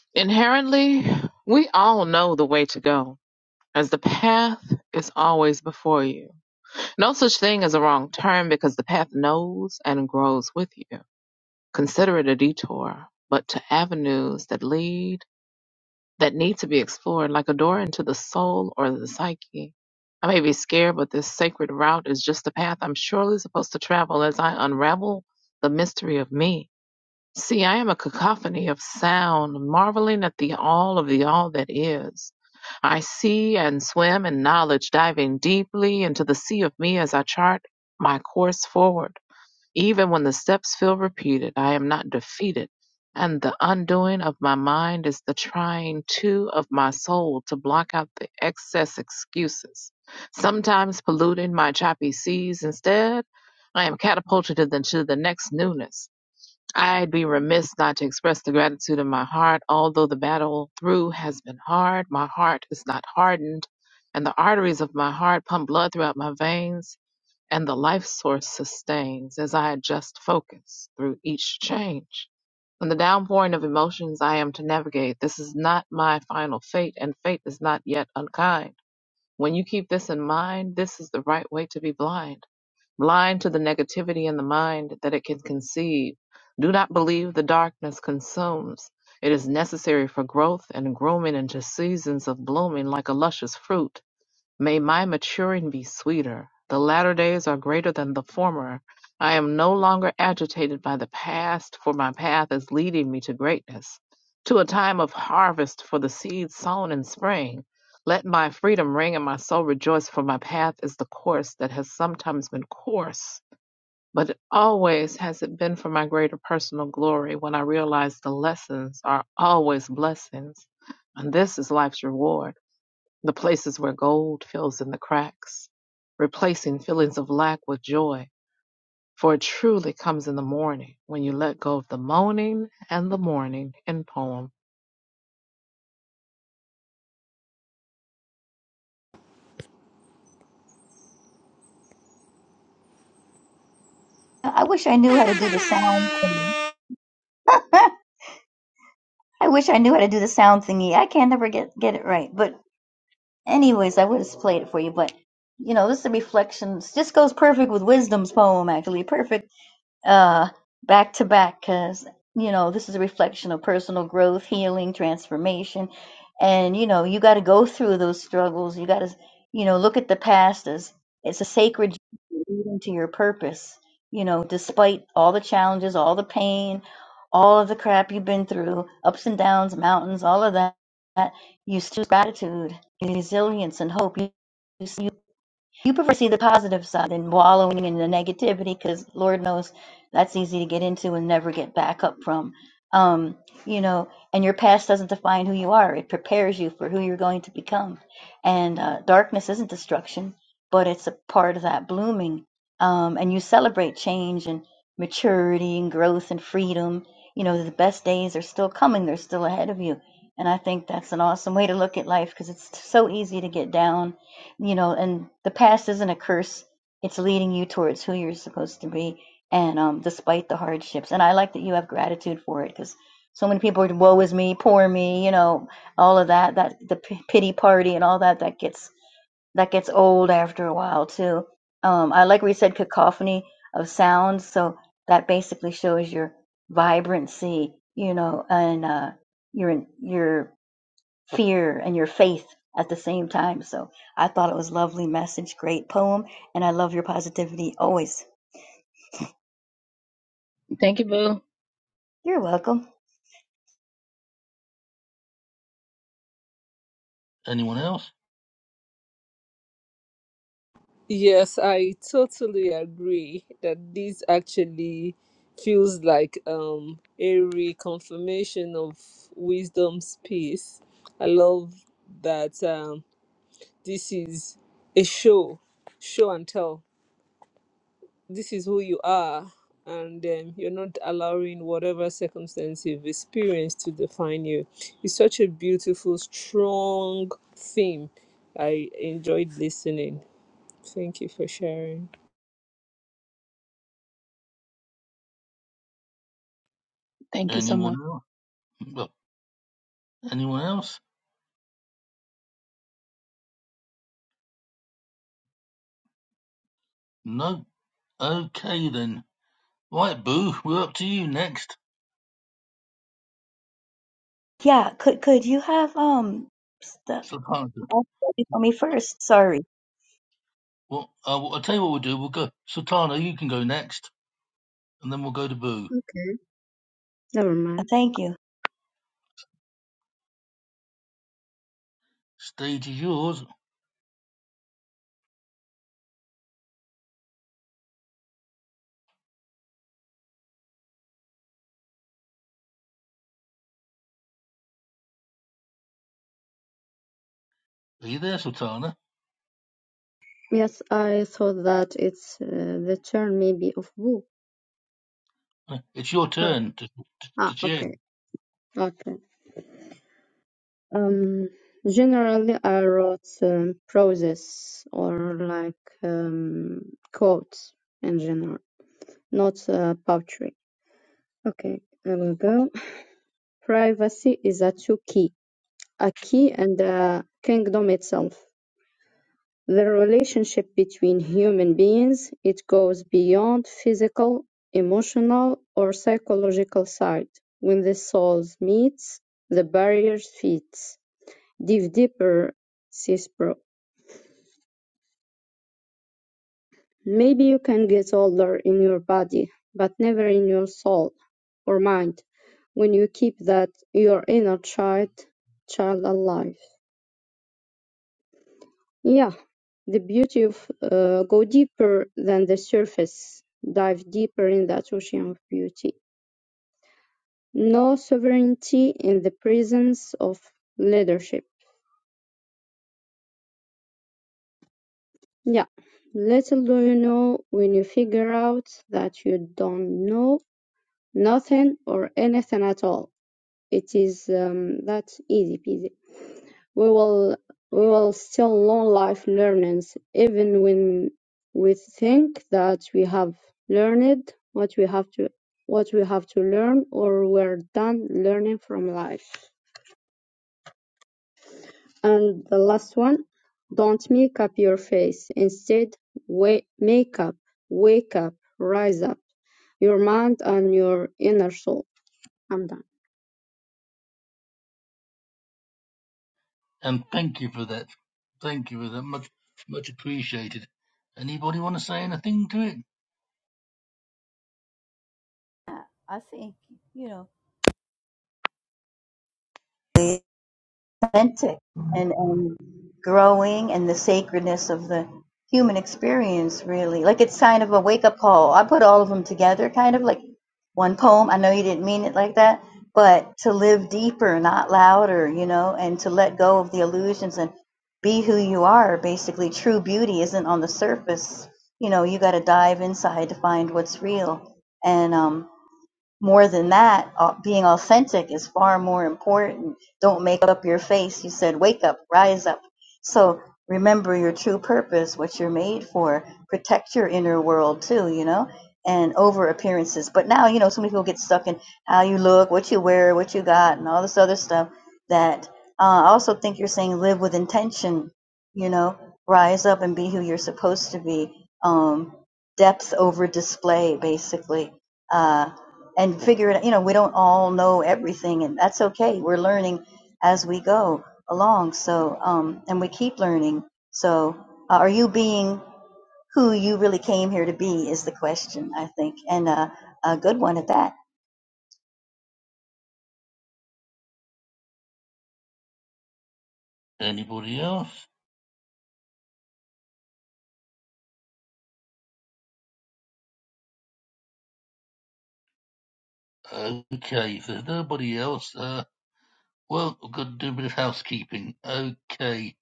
Speaker 9: Inherently, we all know the way to go, as the path is always before you. No such thing as a wrong turn because the path knows and grows with you. Consider it a detour, but to avenues that lead, that need to be explored, like a door into the soul or the psyche. I may be scared, but this sacred route is just the path I'm surely supposed to travel as I unravel the mystery of me. See, I am a cacophony of sound, marveling at the all of the all that is. I see and swim in knowledge, diving deeply into the sea of me as I chart my course forward. Even when the steps feel repeated, I am not defeated, and the undoing of my mind is the trying to of my soul to block out the excess excuses, sometimes polluting my choppy seas. Instead, I am catapulted into the next newness I'd be remiss not to express the gratitude in my heart. Although the battle through has been hard, my heart is not hardened, and the arteries of my heart pump blood throughout my veins, and the life source sustains as I adjust focus through each change. From the downpouring of emotions I am to navigate, this is not my final fate, and fate is not yet unkind. When you keep this in mind, this is the right way to be blind blind to the negativity in the mind that it can conceive. Do not believe the darkness consumes. It is necessary for growth and grooming into seasons of blooming like a luscious fruit May my maturing be sweeter. The latter days are greater than the former. I am no longer agitated by the past, for my path is leading me to greatness, to a time of harvest for the seed sown in spring. Let my freedom ring and my soul rejoice, for my path is the course that has sometimes been coarse, but it always has it been for my greater personal glory when I realize the lessons are always blessings, and this is life's reward the places where gold fills in the cracks, replacing feelings of lack with joy. For it truly comes in the morning when you let go of the moaning and the morning in poem.
Speaker 5: I wish I knew how to do the sound thing. I wish I knew how to do the sound thingy. I can never get get it right. But anyways, I would have played it for you. But you know, this is a reflections. This goes perfect with Wisdom's poem, actually. Perfect. uh, back to back because you know this is a reflection of personal growth healing transformation and you know you got to go through those struggles you got to you know look at the past as it's a sacred journey leading to your purpose you know despite all the challenges all the pain all of the crap you've been through ups and downs mountains all of that you still have gratitude resilience and hope you, you you prefer to see the positive side than wallowing in the negativity because lord knows that's easy to get into and never get back up from um you know and your past doesn't define who you are it prepares you for who you're going to become and uh, darkness isn't destruction but it's a part of that blooming um and you celebrate change and maturity and growth and freedom you know the best days are still coming they're still ahead of you and i think that's an awesome way to look at life because it's so easy to get down you know and the past isn't a curse it's leading you towards who you're supposed to be and um despite the hardships and i like that you have gratitude for it because so many people are woe is me poor me you know all of that that the p- pity party and all that that gets that gets old after a while too um i like where you said cacophony of sounds so that basically shows your vibrancy you know and uh your your fear and your faith at the same time. So I thought it was a lovely message, great poem, and I love your positivity always.
Speaker 9: Oh,
Speaker 5: You're welcome.
Speaker 1: Anyone else?
Speaker 2: Yes, I totally agree that this actually feels like um a reconfirmation of wisdom's piece. I love that um this is a show, show and tell. This is who you are, and um, you're not allowing whatever circumstance you've experienced to define you. It's such a beautiful, strong theme. I enjoyed listening. Thank you for sharing.
Speaker 9: Thank you so
Speaker 1: Anyone
Speaker 9: much.
Speaker 1: else? Well, anyone else? No. Okay then. Right, Boo, we're up to you next.
Speaker 5: Yeah, could could you have um the
Speaker 1: Sultana.
Speaker 5: for me first? Sorry.
Speaker 1: Well, uh, I'll tell you what we'll do. We'll go. Sultana, you can go next. and then we'll go to Boo.
Speaker 6: Never
Speaker 5: Uh,
Speaker 6: mind.
Speaker 5: Thank you.
Speaker 1: Stage is yours. Are you there, Sultana?
Speaker 6: Yes, I thought that it's uh, the turn maybe of Wu.
Speaker 1: No, It's your
Speaker 6: Sure.
Speaker 1: turn to, to,
Speaker 6: Ah,
Speaker 1: to chair.
Speaker 6: okay. Okay. Um, generally, I wrote um, prose or like um, quotes in general, not uh, poetry. Okay, I will go. Privacy is a two key. Aki and the kingdom itself. The relationship between human beings, it goes beyond physical, emotional, or psychological side. When the souls meets, the barriers fits. Dive deeper, says Bro. Maybe you can get older in your body, but never in your soul or mind when you keep that your inner child child alive. Yeah, the beauty of uh, go deeper than the surface, dive deeper in that ocean of beauty. No sovereignty in the presence of leadership. Yeah, little do you know when you figure out that you don't know nothing or anything at all. It is um, that easy peasy. We will we will still long life learnings, even when we think that we have learned what we have to what we have to learn or we're done learning from life. And the last one, don't make up your face. Instead, wa- make up, wake up, rise up, your mind and your inner soul. I'm done.
Speaker 1: And thank you for that. Thank you for that. Much much appreciated. Anybody want to say anything to it?
Speaker 5: I I think, you know. authentic and, and growing and the sacredness of the human experience really like it's kind of a wake-up call i put all of them together kind of like one poem i know you didn't mean it like that but to live deeper not louder you know and to let go of the illusions and be who you are basically true beauty isn't on the surface you know you got to dive inside to find what's real and um more than that, au- being authentic is far more important. Don't make up your face. You said, wake up, rise up. So remember your true purpose, what you're made for. Protect your inner world too, you know, and over appearances. But now, you know, so many people get stuck in how you look, what you wear, what you got, and all this other stuff that uh, I also think you're saying live with intention, you know, rise up and be who you're supposed to be. Um, depth over display, basically Uh and figure it. out. You know, we don't all know everything, and that's okay. We're learning as we go along. So, um, and we keep learning. So, uh, are you being who you really came here to be? Is the question I think, and uh, a good one at that.
Speaker 1: Anybody else? Okay, if there's nobody else, uh, well, we've got to do a bit of housekeeping. Okay.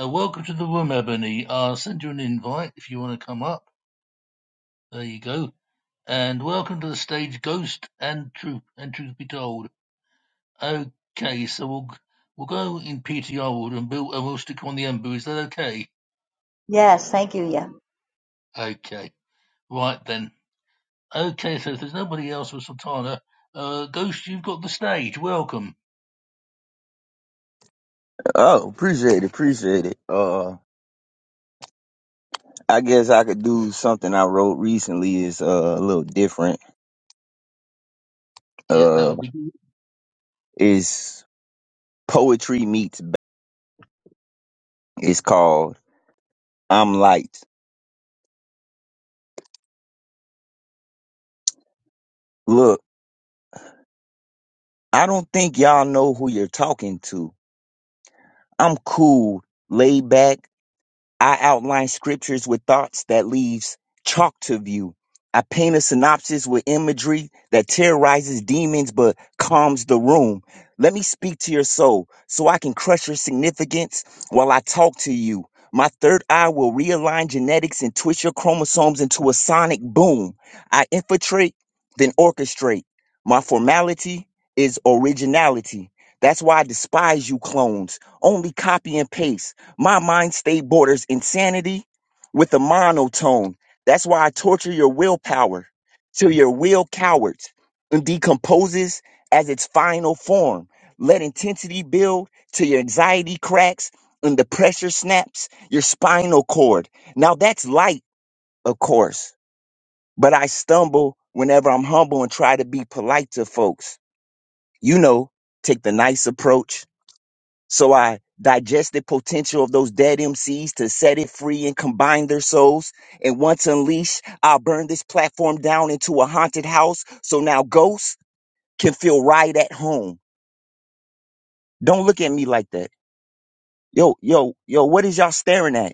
Speaker 1: Uh, welcome to the room, Ebony. I'll send you an invite if you want to come up. There you go. And welcome to the stage, Ghost and Truth, and Truth Be Told. Okay, so we'll we'll go in PTR order and Bill, and we'll stick on the Embu. Is that okay?
Speaker 5: Yes, thank you. Yeah.
Speaker 1: Okay, right then. Okay, so if there's nobody else with Sultana, uh, Ghost, you've got the stage. Welcome.
Speaker 10: Oh, appreciate it, appreciate it. Uh, I guess I could do something I wrote recently is uh, a little different.
Speaker 1: Yeah, that
Speaker 10: Uh,
Speaker 1: would be good.
Speaker 10: is poetry meets. ba- It's called "I'm Light." Look, I don't think y'all know who you're talking to. I'm cool, laid back, I outline scriptures with thoughts that leaves chalk to view. I paint a synopsis with imagery that terrorizes demons but calms the room. Let me speak to your soul so I can crush your significance while I talk to you. My third eye will realign genetics and twist your chromosomes into a sonic boom. I infiltrate, then orchestrate. My formality is originality. That's why I despise you clones. Only copy and paste. My mind state borders insanity with a monotone. That's why I torture your willpower till your will cowers and decomposes as its final form. Let intensity build till your anxiety cracks and the pressure snaps your spinal cord. Now that's light, of course, but I stumble whenever I'm humble and try to be polite to folks. You know, take the nice approach so I digest the potential of those dead MCs to set it free and combine their souls. And once unleashed, I'll burn this platform down into a haunted house so now ghosts can feel right at home. Don't look at me like that. Yo, yo, yo, what is y'all staring at?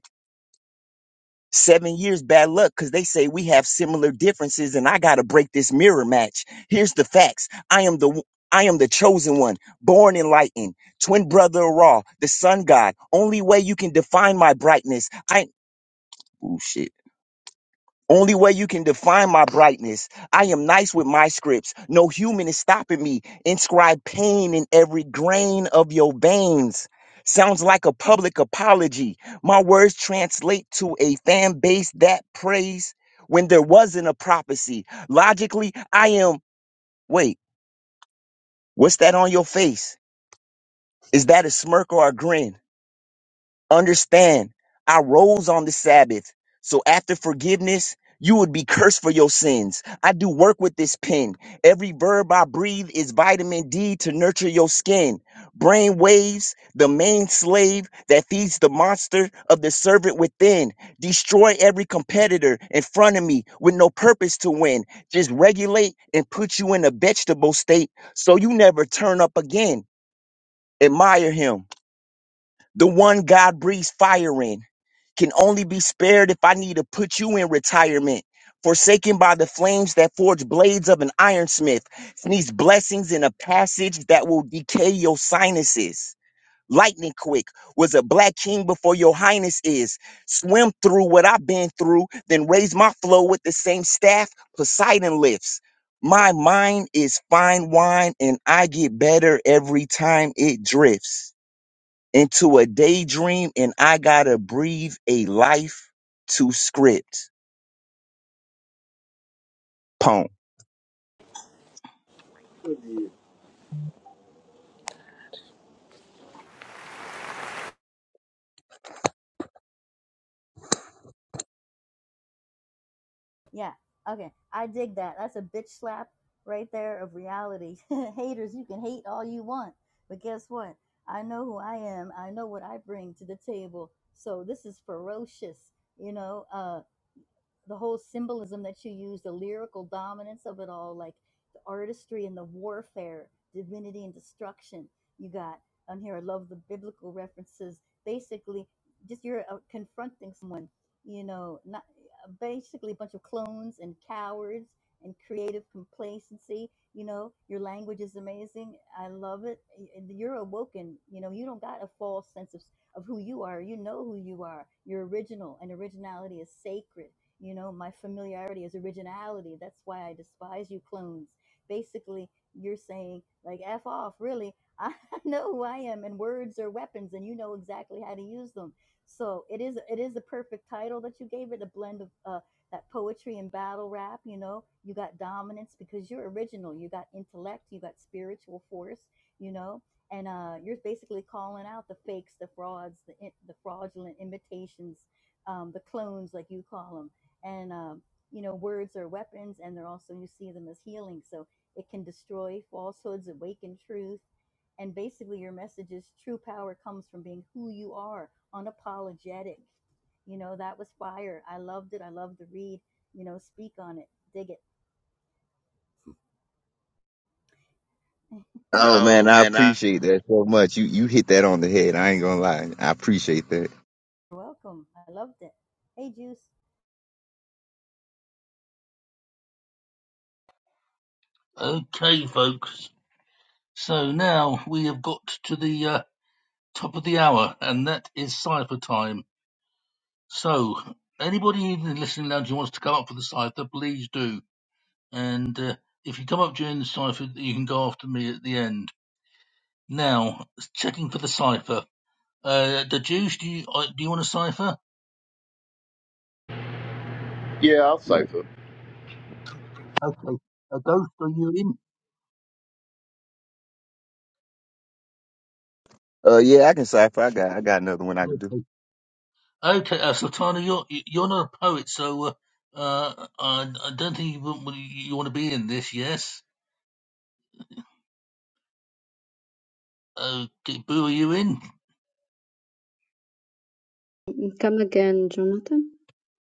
Speaker 10: seven years bad luck because they say we have similar differences and i gotta break this mirror match here's the facts i am the i am the chosen one born enlightened twin brother of ra the sun god only way you can define my brightness i oh shit only way you can define my brightness. I am nice with my scripts. No human is stopping me. Inscribe pain in every grain of your veins. Sounds like a public apology. My words translate to a fan base that prays when there wasn't a prophecy. Logically, I am. Wait, what's that on your face? Is that a smirk or a grin? Understand, I rose on the Sabbath. So after forgiveness, you would be cursed for your sins. I do work with this pen. Every verb I breathe is vitamin D to nurture your skin. Brain waves, the main slave that feeds the monster of the servant within. Destroy every competitor in front of me with no purpose to win. Just regulate and put you in a vegetable state so you never turn up again. Admire him the one God breathes fire in can only be spared if I need to put you in retirement. Forsaken by the flames that forge blades of an ironsmith, sneeze blessings in a passage that will decay your sinuses. Lightning quick was a black king before your highness is. Swim through what I've been through, then raise my flow with the same staff Poseidon lifts. My mind is fine wine, and I get better every time it drifts into a daydream and I gotta breathe a life to script. Poem.
Speaker 5: Yeah. Okay. I dig that. That's a bitch slap right there of reality. Haters, you can hate all you want, but guess what? I know who I am. I know what I bring to the table. So this is ferocious, you know. uh, the whole symbolism that you use, the lyrical dominance of it all, like the artistry and the warfare, divinity and destruction you got on here. I love the biblical references. Basically, just you're uh, confronting someone, you know, not basically a bunch of clones and cowards and creative complacency. You know, your language is amazing. I love it. You're awoken. You know, you don't got a false sense of, of who you are. You know who you are. You're original, and originality is sacred you know, my familiarity is originality. That's why I despise you clones. Basically, you're saying, like, F off, really. I know who I am, and words are weapons, and you know exactly how to use them. So it is it is the perfect title that you gave it, a blend of uh, that poetry and battle rap. You know, you got dominance because you're original. You got intellect. You got spiritual force. You know, and uh, you're basically calling out the fakes, the frauds, the in- the fraudulent imitations, um, the clones, like you call 'em and um, you know words are weapons and they're also you see them as healing so it can destroy falsehoods awaken truth and basically your message is true power comes from being who you are unapologetic you know that was fire i loved it i loved to read you know speak on it dig it
Speaker 10: Oh man,
Speaker 5: Oh
Speaker 10: I
Speaker 5: man, I,
Speaker 10: appreciate that so much. You you hit that on the head. I ain't gonna lie. I appreciate that.
Speaker 5: You're welcome i loved it hey juice
Speaker 1: Okay, folks. So now we have got to the uh, top of the hour, and that is cipher time. So anybody in the listening lounge who wants to come up for the cipher, please do. And uh, if you come up during the cipher, you can go after me at the end. Now, checking for the cipher. Uh, the Jews, do you, uh, do you want a cipher?
Speaker 11: Yeah, I'll cipher.
Speaker 1: Okay. A ghost, are you in?
Speaker 10: Uh yeah, I can cipher. I got I got another one I can do.
Speaker 1: Okay. Okay, uh, Sultana, you're, you're not a poet, so uh, uh, I, I don't think you, want- you want to be in this, yes? Okay, Boo, are you in?
Speaker 6: Come again, Jonathan?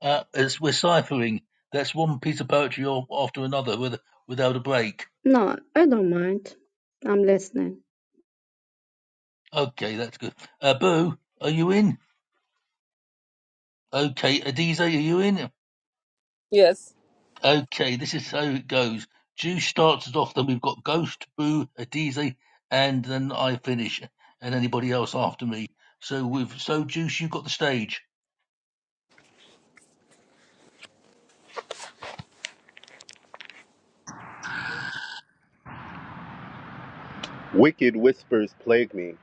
Speaker 1: Uh, it's, we're ciphering. That's one piece of poetry or after another with, without a break.
Speaker 6: No, I don't mind. I'm listening
Speaker 1: Okay, that's good. Uh, Boo, are you in? Okay, Adize, are you in?
Speaker 2: Yes.
Speaker 1: Okay, this is how it goes. Jew starts us off, then we've got Ghost, Boo, Adize, and then I finish, and anybody else after me. So with so Juice, you've got the stage.
Speaker 11: Wicked whispers plague me.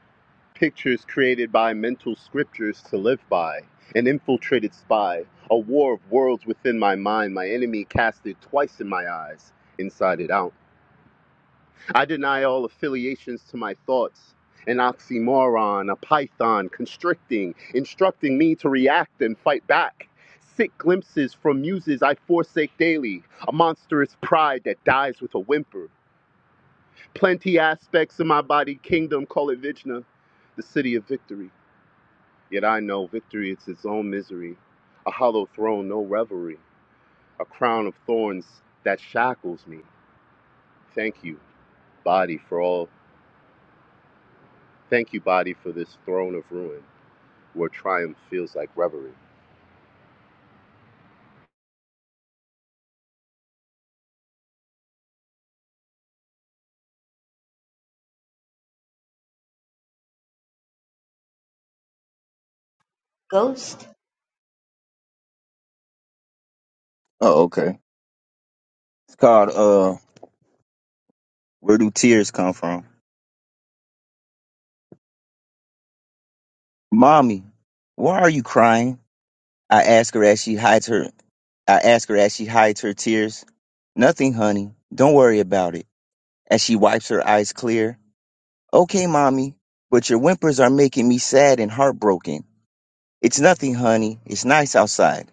Speaker 11: Pictures created by mental scriptures to live by. An infiltrated spy. A war of worlds within my mind. My enemy casted twice in my eyes, inside it out. I deny all affiliations to my thoughts. An oxymoron, a python, constricting, instructing me to react and fight back. Sick glimpses from muses I forsake daily. A monstrous pride that dies with a whimper Plenty aspects of my body kingdom call it Vijna, the city of victory. Yet I know victory is its own misery, a hollow throne, no revelry, a crown of thorns that shackles me. Thank you, body, for all. Thank you, body, for this throne of ruin where triumph feels like revelry.
Speaker 10: Oh, okay. It's called uh Where Do Tears Come From? Mommy, why are you crying? I ask her as she hides her I ask her as she hides her tears. Nothing, honey. Don't worry about it. As she wipes her eyes clear. Okay, mommy, but your whimpers are making me sad and heartbroken. It's nothing, honey. It's nice outside.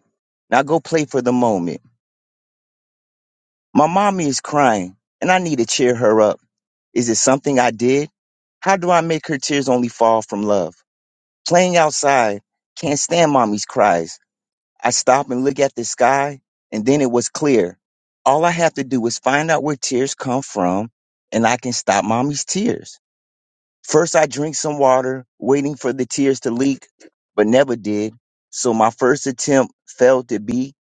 Speaker 10: Now go play for the moment. My mommy is crying, and I need to cheer her up. Is it something I did? How do I make her tears only fall from love? Playing outside, can't stand mommy's cries. I stop and look at the sky, and then it was clear. All I have to do is find out where tears come from, and I can stop mommy's tears. First, I drank some water, waiting for the tears to leak, but never did. So my first attempt failed to be.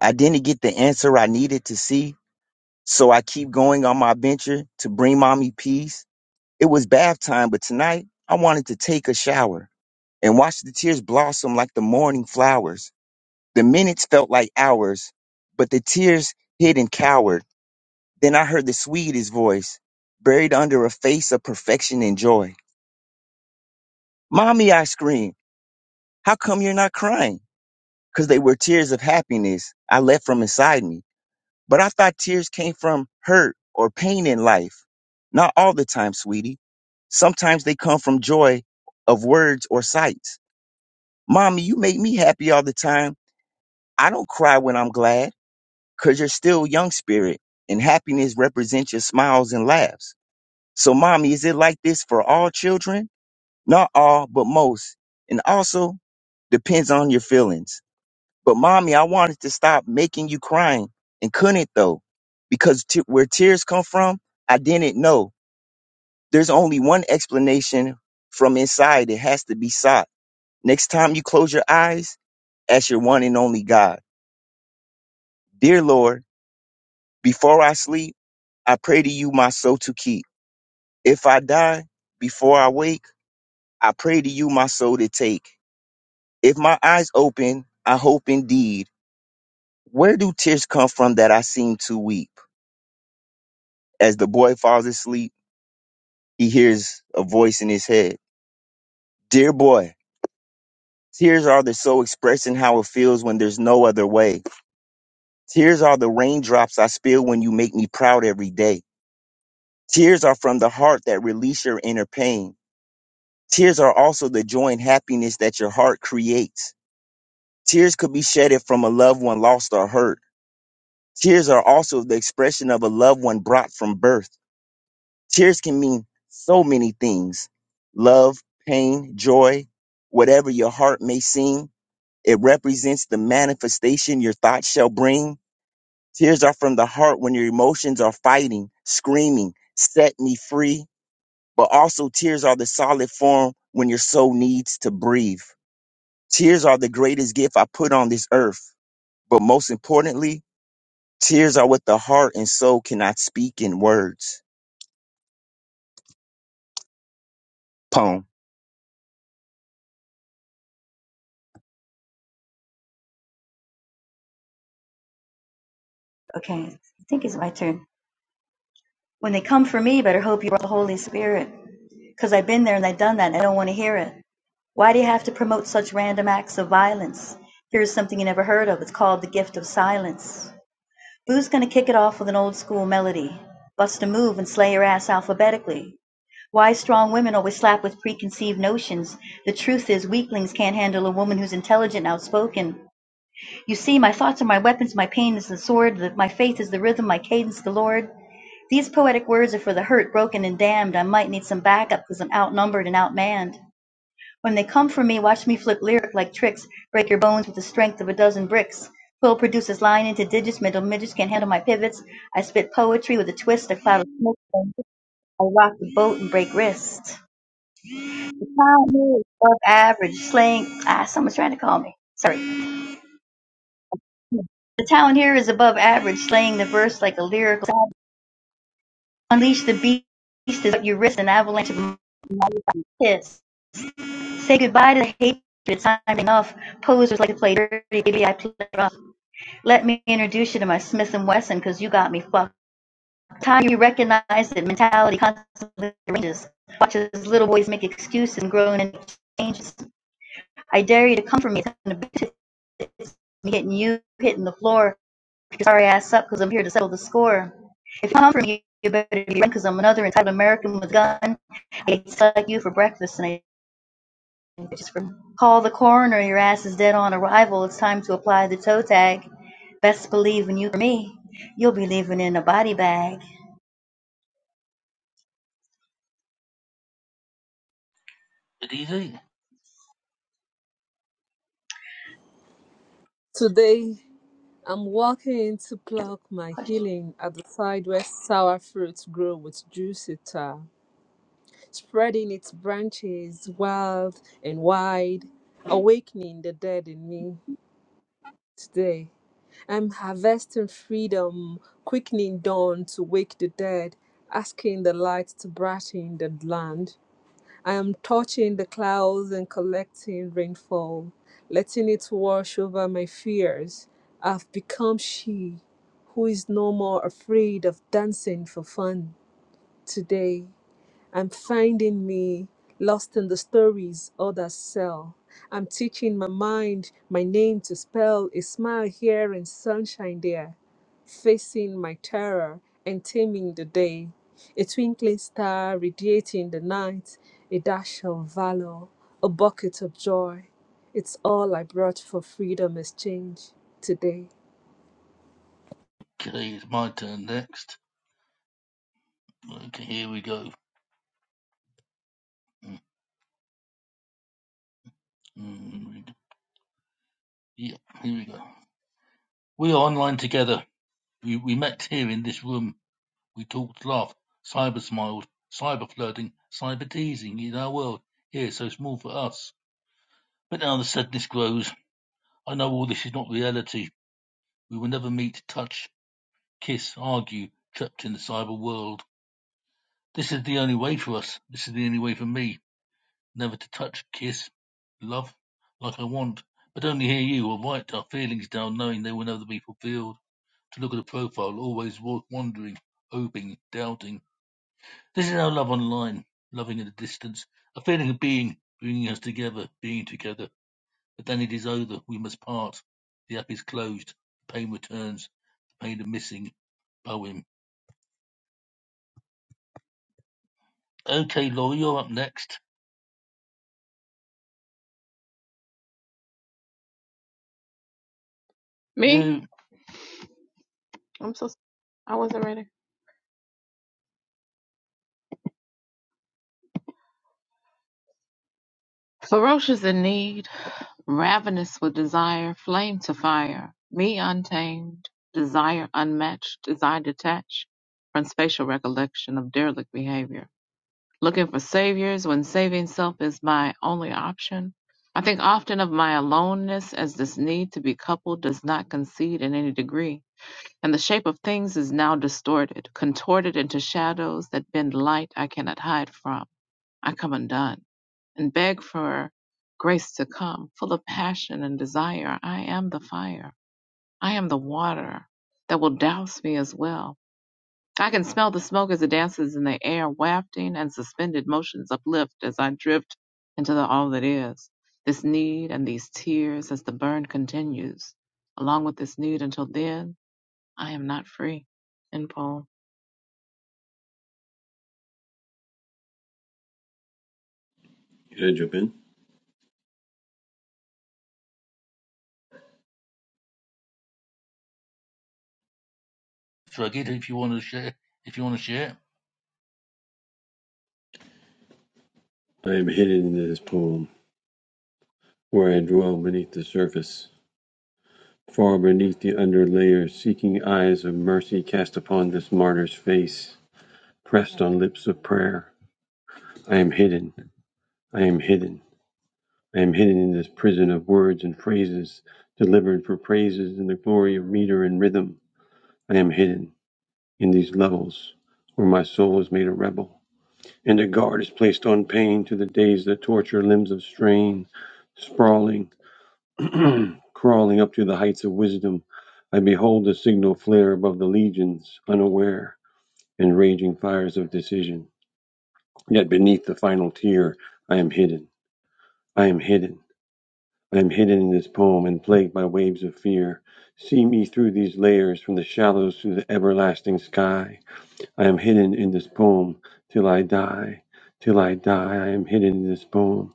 Speaker 10: I didn't get the answer I needed to see. So I keep going on my venture to bring mommy peace. It was bath time, but tonight I wanted to take a shower and watch the tears blossom like the morning flowers. The minutes felt like hours, but the tears hid and cowered. Then I heard the sweetest voice, buried under a face of perfection and joy. Mommy, I screamed. How come you're not crying? Because they were tears of happiness I left from inside me. But I thought tears came from hurt or pain in life. Not all the time, sweetie. Sometimes they come from joy of words or sights. Mommy, you make me happy all the time. I don't cry when I'm glad because you're still young spirit and happiness represents your smiles and laughs. So, mommy, is it like this for all children? Not all, but most. And also depends on your feelings. But mommy, I wanted to stop making you crying and couldn't though, because t- where tears come from, I didn't know. There's only one explanation from inside. It has to be sought. Next time you close your eyes, ask your one and only God. Dear Lord, before I sleep, I pray to you my soul to keep. If I die before I wake, I pray to you my soul to take. If my eyes open, I hope indeed. Where do tears come from that I seem to weep? As the boy falls asleep, He hears a voice in his head. Dear boy, tears are the soul expressing how it feels when there's no other way. Tears are the raindrops I spill when you make me proud every day. Tears are from the heart that release your inner pain. Tears are also the joy and happiness that your heart creates. Tears could be shedded from a loved one lost or hurt. Tears are also the expression of a loved one brought from birth. Tears can mean so many things. Love, pain, joy, whatever your heart may sing It represents the manifestation your thoughts shall bring. Tears are from the heart when your emotions are fighting, screaming, set me free. But also, tears are the solid form when your soul needs to breathe. Tears are the greatest gift I put on this earth. But most importantly, tears are what the heart and soul cannot speak in words. Poem.
Speaker 5: Okay, I think it's my turn. When they come for me, better hope you brought the Holy Spirit. Because I've been there and I've done that. And I don't want to hear it. Why do you have to promote such random acts of violence? Here's something you never heard of. It's called The Gift of Silence. Boo's gonna kick it off with an old school melody. Bust a move and slay your ass alphabetically. Why strong women always slap with preconceived notions. The truth is, weaklings can't handle a woman who's intelligent and outspoken. You see, my thoughts are my weapons, my pain is the sword, that my faith is the rhythm, my cadence the Lord. These poetic words are for the hurt, broken, and damned. I might need some backup because I'm outnumbered and outmanned. When they come for me, watch me flip lyric like tricks, break your bones with the strength of a dozen bricks. Quill produces line into digits, middle midgets can't handle my pivots. I spit poetry with a twist, a cloud of smoke. I rock the boat and break wrists. The talent here is above average, slaying. Ah, someone's trying to call me. Sorry. The talent here is above average, slaying the verse like a lyrical. savage. Unleash the beast is what you wrist an avalanche of mighty kiss. Say goodbye to the hatred. It's time enough. Posers like to play dirty. Baby, I play rough. Let me introduce you to my Smith and Wesson because you got me fucked. Time you recognize that mentality constantly ranges. Watch as little boys make excuses and grown and changes. I dare you to come for me. It's me hitting you, hitting the floor. your Sorry ass up because I'm here to settle the score. If you come for me, you better be ready, because I'm another entitled American with a gun. I hate to suck you for breakfast and I. Call the coroner, your ass is dead on arrival, it's time to apply the toe tag. Best believe when you hear me, you'll be leaving in a body bag.
Speaker 1: Adize?
Speaker 2: Today, I'm walking in to pluck my healing at the side where sour fruits grow with juicy tar, spreading its branches wild and wide, awakening the dead in me. Today, I'm harvesting freedom, quickening dawn to wake the dead, asking the light to brighten the land. I am touching the clouds and collecting rainfall, letting it wash over my fears. I've become she who is no more afraid of dancing for fun today. I'm finding me lost in the stories others sell. I'm teaching my mind my name to spell a smile here and sunshine there. Facing my terror and taming the day. A twinkling star radiating the night. A dash of valor, a bucket of joy. It's all I brought for freedom exchange today.
Speaker 1: Okay, it's my turn next. Okay, here we go. Mm, Yeah, here we go. We are online together. We, we met here in this room. We talked, laughed, cyber smiled, cyber flirting, cyber teasing in our world. Here, so small for us. But now the sadness grows. I know all this is not reality. We will never meet, touch, kiss, argue, trapped in the cyber world. This is the only way for us. This is the only way for me. Never to touch, kiss, love, like I want. But only hear you or write our feelings down knowing they will never be fulfilled. To look at a profile, always wa- wondering, hoping, doubting. This is our love online, loving at a distance, a feeling of being, bringing us together, being together. But then it is over, we must part. The app is closed, the pain returns, the pain of missing poem. Okay, Laura, you're up next.
Speaker 9: Me?
Speaker 1: You
Speaker 9: I'm so s- I am so I was not ready. Ferocious in need, ravenous with desire, flame to fire, me untamed, desire unmatched, desire detached from spatial recollection of derelict behavior. looking for saviors when saving self is my only option. I think often of my aloneness as this need to be coupled does not concede in any degree, and the shape of things is now distorted, contorted into shadows that bend light I cannot hide from. I come undone and beg for grace to come, full of passion and desire. I am the fire. I am the water that will douse me as well. I can smell the smoke as it dances in the air, wafting and suspended motions uplift as I drift into the all that is. This need and these tears as the burn continues. Along with this need until then, I am not free. End poem.
Speaker 12: Judgment.
Speaker 1: drug it if you want to share. If you want to share,
Speaker 12: I am hidden in this poem, where I dwell beneath the surface, far beneath the underlayer, seeking eyes of mercy cast upon this martyr's face, pressed on lips of prayer. I am hidden, I am hidden, I am hidden in this prison of words and phrases, delivered for praises in the glory of meter and rhythm. I am hidden in these levels, where my soul is made a rebel, and a guard is placed on pain to the days that torture limbs of strain, sprawling. Crawling up to the heights of wisdom, I behold the signal flare above the legions, unaware, and raging fires of decision. Yet beneath the final tear, I am hidden. I am hidden. I am hidden in this poem and plagued by waves of fear. See me through these layers, from the shallows to the everlasting sky. I am hidden in this poem till I die. Till I die, I am hidden in this poem.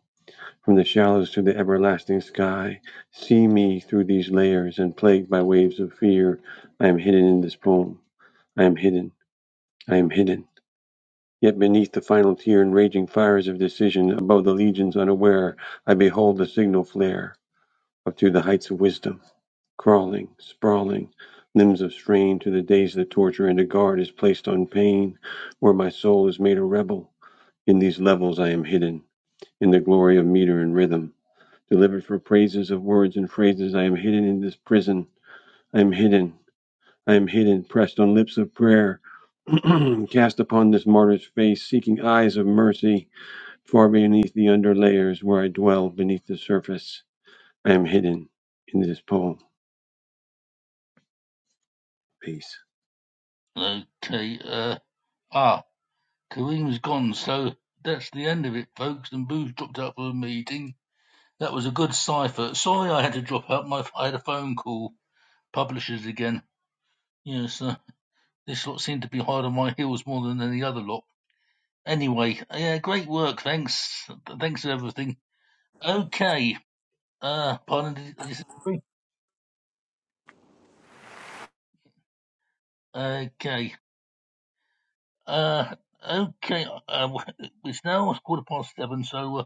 Speaker 12: From the shallows to the everlasting sky, see me through these layers and plagued by waves of fear. I am hidden in this poem. I am hidden. I am hidden. Yet beneath the final tier and raging fires of decision, above the legions unaware, I behold the signal flare up to the heights of wisdom, crawling, sprawling, limbs of strain to the days that torture and a guard is placed on pain, where my soul is made a rebel. In these levels I am hidden, in the glory of meter and rhythm. Delivered for praises of words and phrases, I am hidden in this prison. I am hidden. I am hidden, pressed on lips of prayer, cast upon this martyr's face, seeking eyes of mercy, far beneath the underlayers where I dwell beneath the surface. I am hidden in this poem. Peace.
Speaker 1: okay. Uh, ah, Kareem's gone, so that's the end of it, folks. And Boo's dropped out for a meeting. That was a good cipher. Sorry, I had to drop out. My I had a phone call. Publishers again. Yes, uh, this lot seemed to be hard on my heels more than any other lot. Anyway, yeah, great work. Thanks, thanks for everything. Okay. Uh, pardon. Okay. Uh, okay. Uh, it's now quarter past seven, so uh,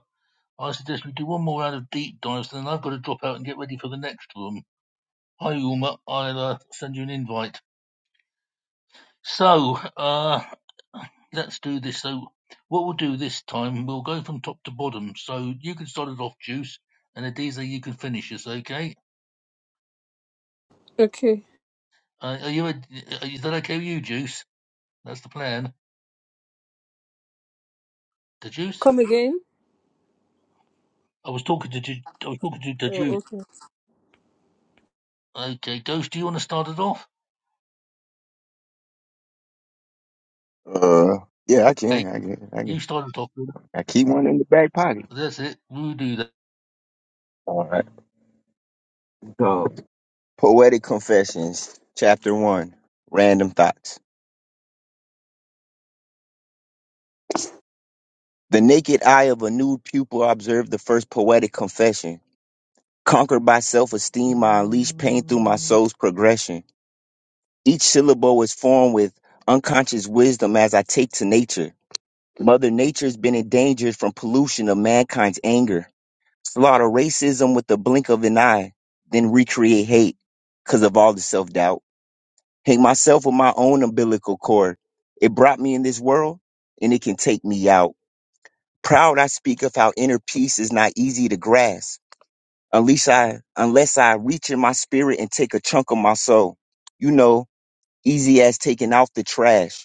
Speaker 1: I suggest we do one more round of deep dives, and then I've got to drop out and get ready for the next room. Hi, Uma. I'll uh, send you an invite. So, uh, let's do this. So, what we'll do this time, we'll go from top to bottom. So you can start it off, Juice, and Adiza, you can finish us. Okay.
Speaker 2: Okay.
Speaker 1: Uh, are you? A, uh, is that okay with you, Juice? That's the plan. The Juice.
Speaker 2: Come again?
Speaker 1: I was talking to. Ju- I was talking to the
Speaker 2: Oh,
Speaker 1: Juice.
Speaker 2: okay.
Speaker 1: Okay, Ghost. Do you want to start it off?
Speaker 10: Uh, yeah, I
Speaker 1: Okay,
Speaker 10: can. I can. I
Speaker 1: you
Speaker 10: can.
Speaker 1: start it off. Then.
Speaker 10: I keep one in the back pocket.
Speaker 1: That's it. You do that,
Speaker 10: All right. So, Poetic Confessions, Chapter 1 Random Thoughts. The naked eye of a nude pupil observed the first poetic confession. Conquered by self-esteem, I unleash pain through my soul's progression. Each syllable is formed with unconscious wisdom as I take to nature. Mother Nature's been endangered from pollution of mankind's anger. Slaughter racism with the blink of an eye, then recreate hate because of all the self-doubt. Hang myself with my own umbilical cord. It brought me in this world, and it can take me out. Proud I speak of how inner peace is not easy to grasp. Unless I, unless I reach in my spirit and take a chunk of my soul. You know, easy as taking out the trash.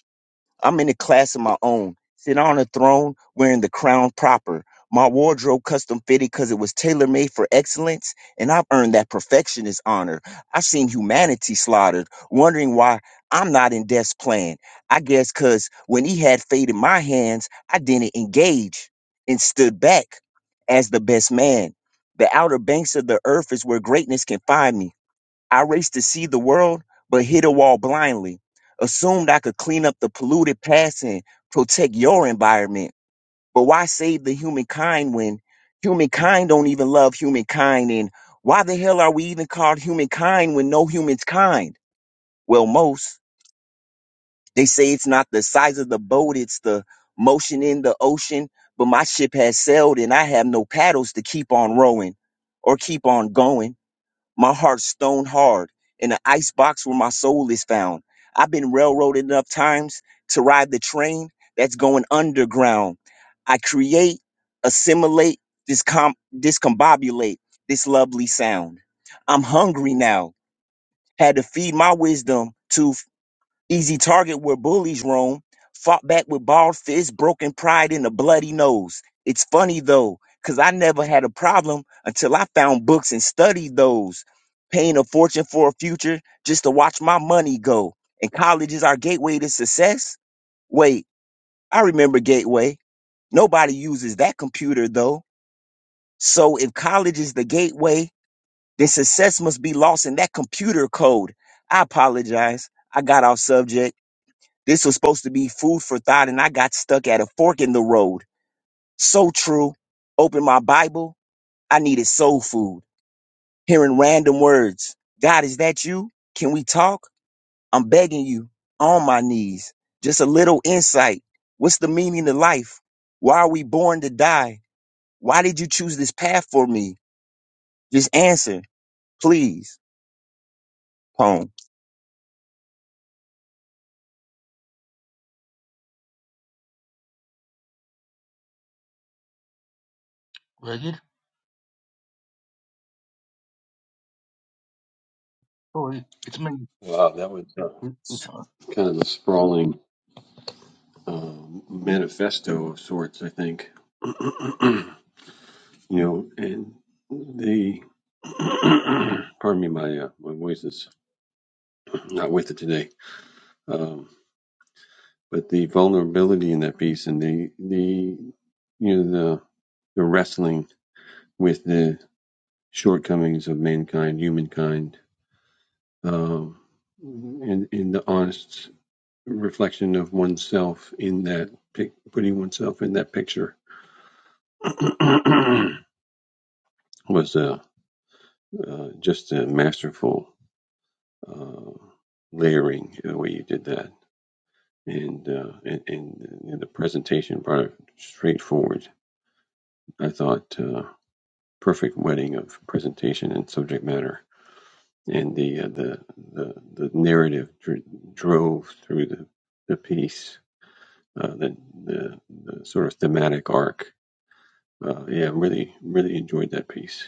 Speaker 10: I'm in a class of my own, sit on a throne wearing the crown proper. My wardrobe custom fitted because it was tailor made for excellence, and I've earned that perfectionist honor. I've seen humanity slaughtered, wondering why I'm not in death's plan. I guess because when he had fate in my hands, I didn't engage and stood back as the best man. The outer banks of the earth is where greatness can find me. I raced to see the world, but hit a wall blindly. Assumed I could clean up the polluted past and protect your environment. But why save the humankind when humankind don't even love humankind? And why the hell are we even called humankind when no human's kind? Well, most. They say it's not the size of the boat, it's the motion in the ocean. But my ship has sailed and I have no paddles to keep on rowing or keep on going. My heart's stone hard. In the ice box where my soul is found. I've been railroaded enough times to ride the train that's going underground. I create, assimilate, discom- discombobulate this lovely sound. I'm hungry now. Had to feed my wisdom to easy target where bullies roam, fought back with bald fists, broken pride, and a bloody nose. It's funny though, 'cause I never had a problem until I found books and studied those. Paying a fortune for a future just to watch my money go. And college is our gateway to success? Wait, I remember Gateway. Nobody uses that computer though. So if college is the gateway, then success must be lost in that computer code. I apologize. I got off subject. This was supposed to be food for thought, and I got stuck at a fork in the road. So true. Open my Bible. I needed soul food. Hearing random words. God, is that you? Can we talk? I'm begging you on my knees. Just a little insight. What's the meaning of life? Why are we born to die? Why did you choose this path for me? Just answer, please. Poem.
Speaker 1: Ragged. Sorry, it's me.
Speaker 12: Wow, that was uh,
Speaker 1: It- It's uh,
Speaker 12: kind of a sprawling uh, manifesto of sorts, I think. you know, and the pardon me, my uh, my voice is not with it today Um, but the vulnerability in that piece and the the you know the the wrestling with the shortcomings of mankind, humankind, um, and in the honest reflection of oneself in that pic- putting oneself in that picture was a uh, just a masterful uh, layering the way you did that, and uh, and, and, and the presentation brought it straight forward. I thought. Uh, perfect wedding of presentation and subject matter, and the uh, the, the the narrative dr- drove through the the piece, uh, the, the the sort of thematic arc. Uh, yeah, really really enjoyed that piece.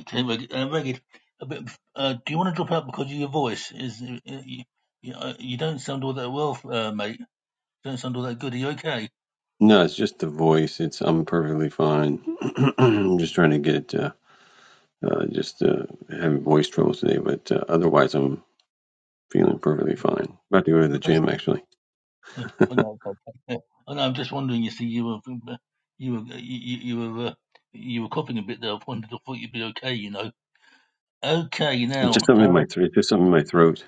Speaker 1: okay, Ragged. Uh, Ragged. A bit. Uh, do you want to drop out because of your voice? Is uh, you, you, uh, you don't sound all that well, uh, mate. You don't sound all that good. Are you okay?
Speaker 12: No, it's just the voice. It's I'm perfectly fine. I'm just trying to get it. Uh, uh, just uh, having voice troubles today, but uh, otherwise I'm feeling perfectly fine. About to go to the gym actually.
Speaker 1: Uh, Oh, no, it's okay. Uh, Oh, no, I'm just wondering. You see, you were, uh, you were, you, you you were, uh, you were coughing a bit there. I wondered, I thought you'd be okay. You know. Okay,
Speaker 12: It's just
Speaker 1: now.
Speaker 12: something in
Speaker 1: Uh,
Speaker 12: my throat. Just something in my throat.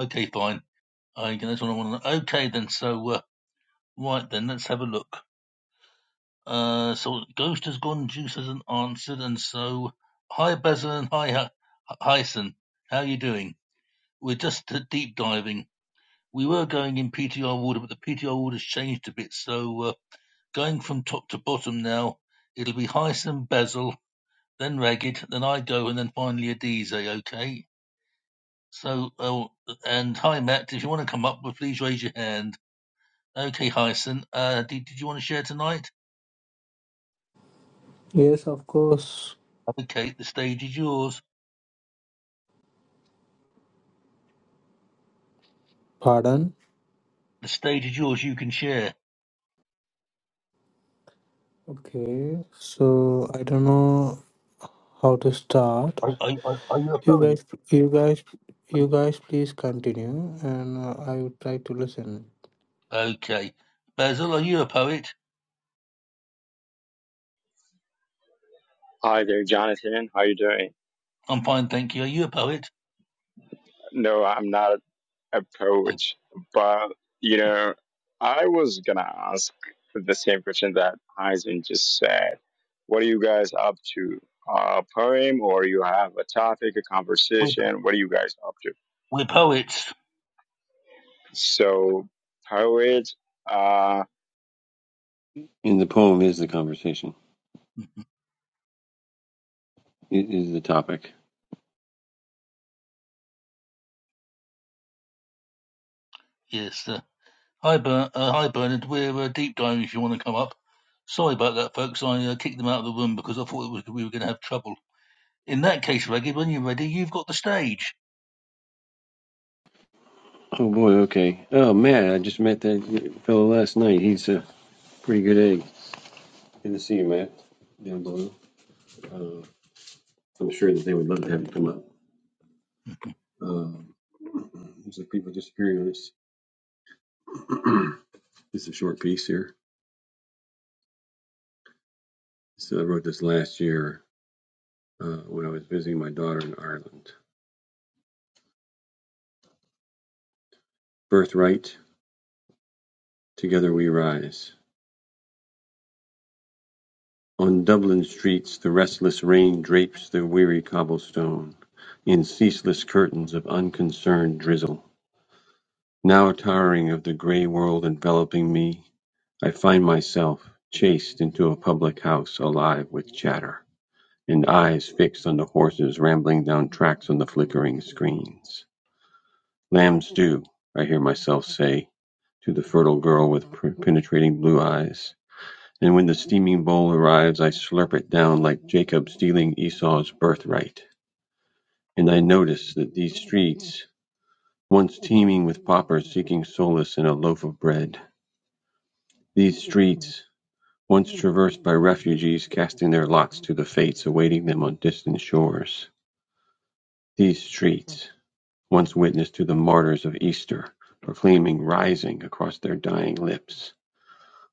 Speaker 1: okay, fine. I that's what I want to know. Okay, then. So, uh, right then, let's have a look. Uh, so Ghost has gone, Juice hasn't answered, and so hi Bezel and hi Hi- Hyson. How you doing? We're just uh, deep diving. We were going in PTR order, but the PTR order's changed a bit, so. Uh, Going from top to bottom now. It'll be Hyson, Basil, then Ragged, then I go, and then finally Adize, okay? So, oh, and hi, Matt. If you want to come up, well, please raise your hand. Okay, Hyson, uh, did, did you want to share tonight?
Speaker 13: Yes, of course.
Speaker 1: Okay, the stage is yours.
Speaker 13: Pardon.
Speaker 1: The stage is yours. You can share.
Speaker 13: Okay, so I don't know how to start.
Speaker 1: Are, are, are are you a
Speaker 13: You
Speaker 1: poet?
Speaker 13: guys, you guys, you guys, please continue, and uh, I will try to listen.
Speaker 1: Okay. Basil, are you a poet?
Speaker 14: Hi there, Jonathan. How you doing?
Speaker 1: I'm fine, thank you. Are you a poet?
Speaker 14: No, I'm not a
Speaker 1: Uh,
Speaker 14: poet, but you know, I was gonna ask the same question that Heisen just said. What are you guys up to? A poem, or you have a topic, a
Speaker 1: We're, po-
Speaker 14: conversation? What are you guys up to?
Speaker 1: we're poets.
Speaker 14: So, poet. uh,
Speaker 12: And the poem is the conversation. Is the topic.
Speaker 1: Yes, Hi, Ber- uh, hi Bernard. We're uh, deep diving if you want to come up. Sorry about that, folks. I uh, kicked them out of the room because I thought it was, we were going to have trouble. In that case, Reggie, when you're ready, you've got the stage.
Speaker 12: Oh boy, okay. Oh Matt, I just met that fellow last night. He's a pretty good egg. Good to see you, Matt. Down below. Uh, I'm sure that they would love to have you come up. Um, looks like people disappearing on us. this is a short piece here. So I wrote this last year uh, when I was visiting my daughter in Ireland. Birthright, together we rise. On Dublin streets, the restless rain drapes the weary cobblestone in ceaseless curtains of unconcerned drizzle. Now tiring of the grey world enveloping me, I find myself chased into a public house alive with chatter, and eyes fixed on the horses rambling down tracks on the flickering screens. Lamb stew, I hear myself say to the fertile girl with per- penetrating blue eyes, and when the steaming bowl arrives, I slurp it down like Jacob stealing Esau's birthright. And I notice that these streets, once teeming with paupers seeking solace in a loaf of bread, these streets Once traversed by refugees casting their lots to the fates awaiting them on distant shores, these streets, once witness to the martyrs of Easter proclaiming rising across their dying lips,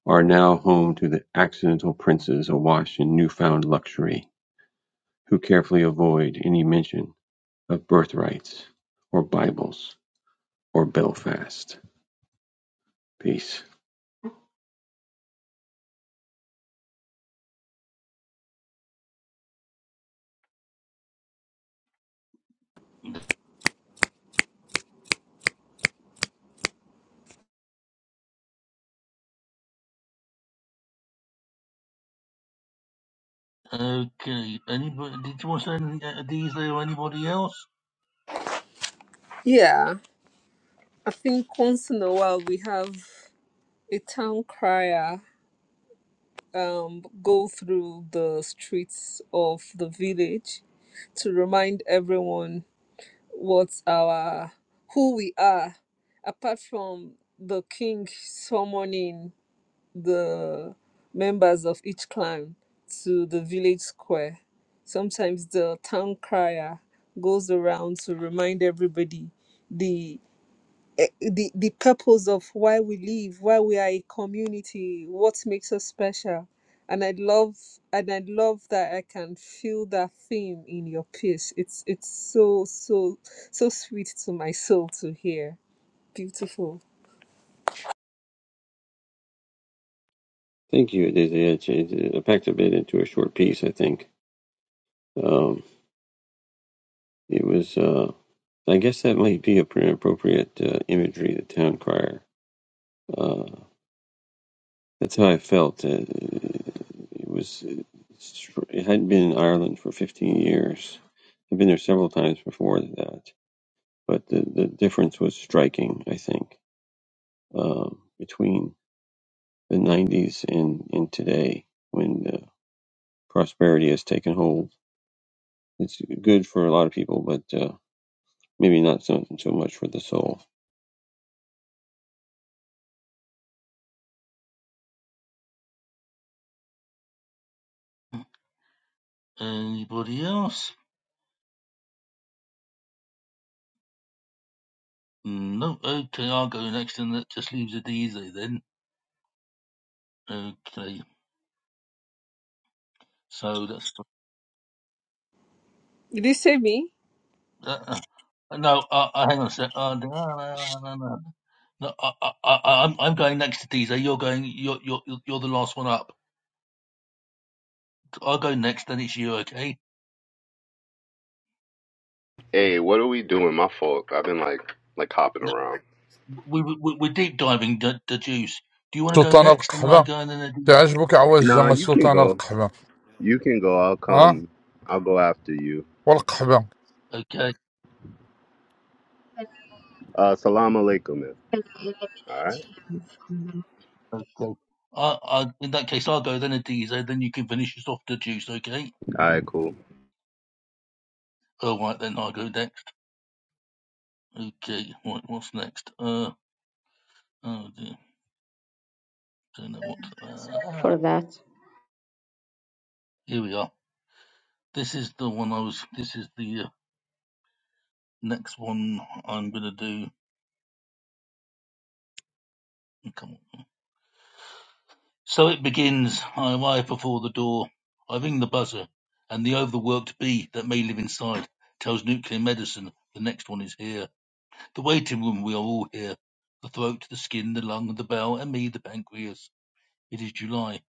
Speaker 12: are now home to the accidental princes awash in newfound luxury, who carefully avoid any mention of birthrights or Bibles or Belfast. Peace.
Speaker 1: Okay. Anybody? Did you want to say anything? uh, These there or anybody else?
Speaker 2: Yeah. I think once in a while we have. a town crier um, go through the streets of the village to remind everyone what our who we are apart from the king summoning the members of each clan to the village square sometimes the town crier goes around to remind everybody the eh, the the purpose of why we live, why we are a community, what makes us special. And I love and I love that I can feel that theme in your piece. It's it's so so so sweet to my soul to hear. Beautiful.
Speaker 12: Thank you. It, it, it, it packed a bit into a short piece, I think. Um, it was. uh, I guess that might be a pretty appropriate uh, imagery, the town crier. Uh, that's how I felt. Uh, it was. It hadn't been in Ireland for 15 years. I've been there several times before that, but the, the difference was striking. I think um, between the 90s and, and today, when uh, prosperity has taken hold, it's good for a lot of people, but uh, maybe not so so much for the soul.
Speaker 1: Anybody else? No. Okay, I'll go next, and that just leaves a D Z then. Okay. So that's.
Speaker 2: Did you say me?
Speaker 1: Uh, uh, no, uh, uh, hang on a sec. Uh, no, no, no, no. no I, I, I, I'm I'm going next to Deezer. You're going. You're you're you're you're the last one up. I'll go next. Then it's you. Okay.
Speaker 11: Hey, what are we doing? My fault. I've been like like hopping
Speaker 1: No,
Speaker 11: around.
Speaker 1: We, we we're deep diving the, the juice. Do you want to go
Speaker 15: Sultan
Speaker 1: next, and I
Speaker 15: Qaboos,
Speaker 1: go, and
Speaker 15: you
Speaker 1: then
Speaker 11: Nah,
Speaker 15: like
Speaker 11: you can
Speaker 15: Sultan
Speaker 11: go.
Speaker 15: Qaboos,
Speaker 11: You can go. I'll
Speaker 15: huh?
Speaker 11: come. I'll go after you.
Speaker 15: Sultan Qaboos, huh?
Speaker 1: Adiza? Okay.
Speaker 11: Uh, salam alaikum, man. All right.
Speaker 1: Okay. I, I, in that case, I'll go then Adiza. Then you can finish us off the juice. Okay.
Speaker 11: All right. Cool.
Speaker 1: All right. Then I'll go next. Okay. What, what's next? Uh. Oh dear. Don't know what. ah,
Speaker 6: for that.
Speaker 1: here we are. This is the one I was. This is the uh, next one I'm gonna do. Come on. So it begins. I arrive before the door. I ring the buzzer, and the overworked bee that may live inside tells nuclear medicine the next one is here. The waiting room. We are all here. The throat, the skin, the lung, the bowel, and me, the pancreas. It is July,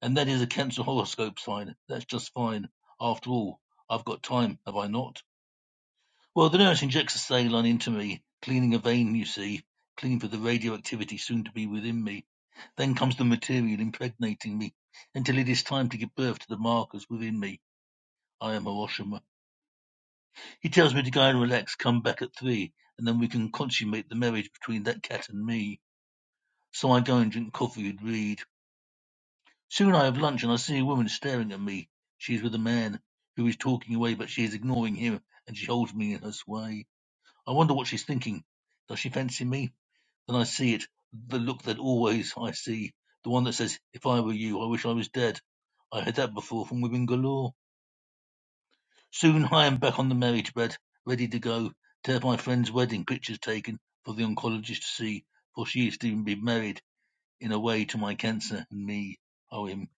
Speaker 1: and that is a cancer horoscope sign. That's just fine. After all, I've got time, have I not? Well, the nurse injects a saline into me, cleaning a vein, you see, clean for the radioactivity soon to be within me. Then comes the material impregnating me, until it is time to give birth to the markers within me. I am Hiroshima. He tells me to go and relax, come back at three, and then we can consummate the marriage between that cat and me. So I go and drink coffee and read. Soon I have lunch and I see a woman staring at me. She is with a man who is talking away, but she is ignoring him, and she holds me in her sway. I wonder what she's thinking. Does she fancy me? Then I see it, the look that always I see, the one that says, If I were you, I wish I was dead. I had that before from women galore. Soon I am back on the marriage bed, ready to go, to have my friend's wedding pictures taken for the oncologist to see, for she is to even be married in a way to my cancer and me. Oh, him.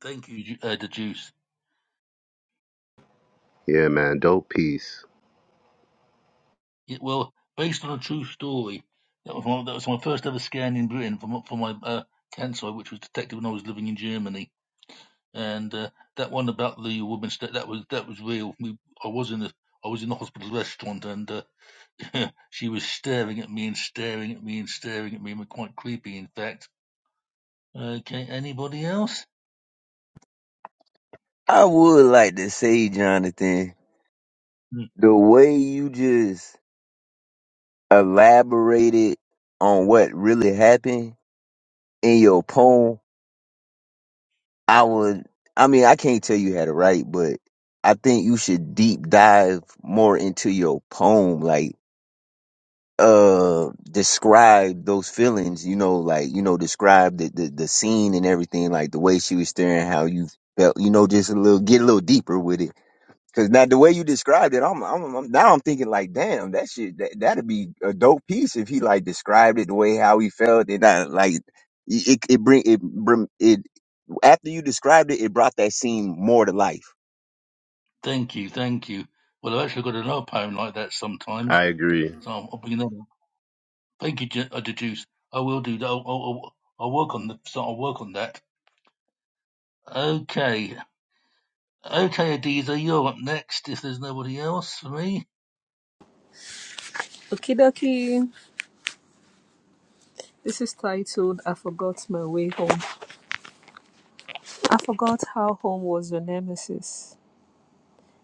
Speaker 1: Thank you, Ju- uh, the juice.
Speaker 11: Yeah, man, dope piece.
Speaker 1: Yeah, well, based on a true story, that was my, that was my first ever scan in Britain for my, for my uh, cancer, which was detected when I was living in Germany and uh, that one about the woman sta- that was that was real. We, I was in the I was in the hospital restaurant, and uh, she was staring at me and staring at me and staring at me, and quite creepy, in fact. Okay, anybody else?
Speaker 10: I would like to say, Jonathan,
Speaker 1: Hmm,
Speaker 10: the way you just elaborated on what really happened in your poem, I would, I mean, I can't tell you how to write, but I think you should deep dive more into your poem, like, uh, describe those feelings, you know, like, you know, describe the, the, the scene and everything, like the way she was staring, how you felt, you know, just a little, get a little deeper with it Cause now the way you described it, I'm, I'm, I'm now I'm thinking like, damn, that shit, that, that'd be a dope piece if he like described it the way how he felt and I, like it, it bring it, bring it after you described it, it brought that scene more to life.
Speaker 1: Thank you, thank you. Well, I've actually got another poem like that sometimes,
Speaker 11: I agree.
Speaker 1: so I'll, I'll bring another. Thank you, Je- uh, deduce. I will do that. I'll, I'll, I'll work on the, so I'll work on that. Okay, okay, Adiza, you're up next. If there's nobody else for me,
Speaker 2: Okidoki. This is titled I Forgot My Way Home. I forgot how home was your nemesis.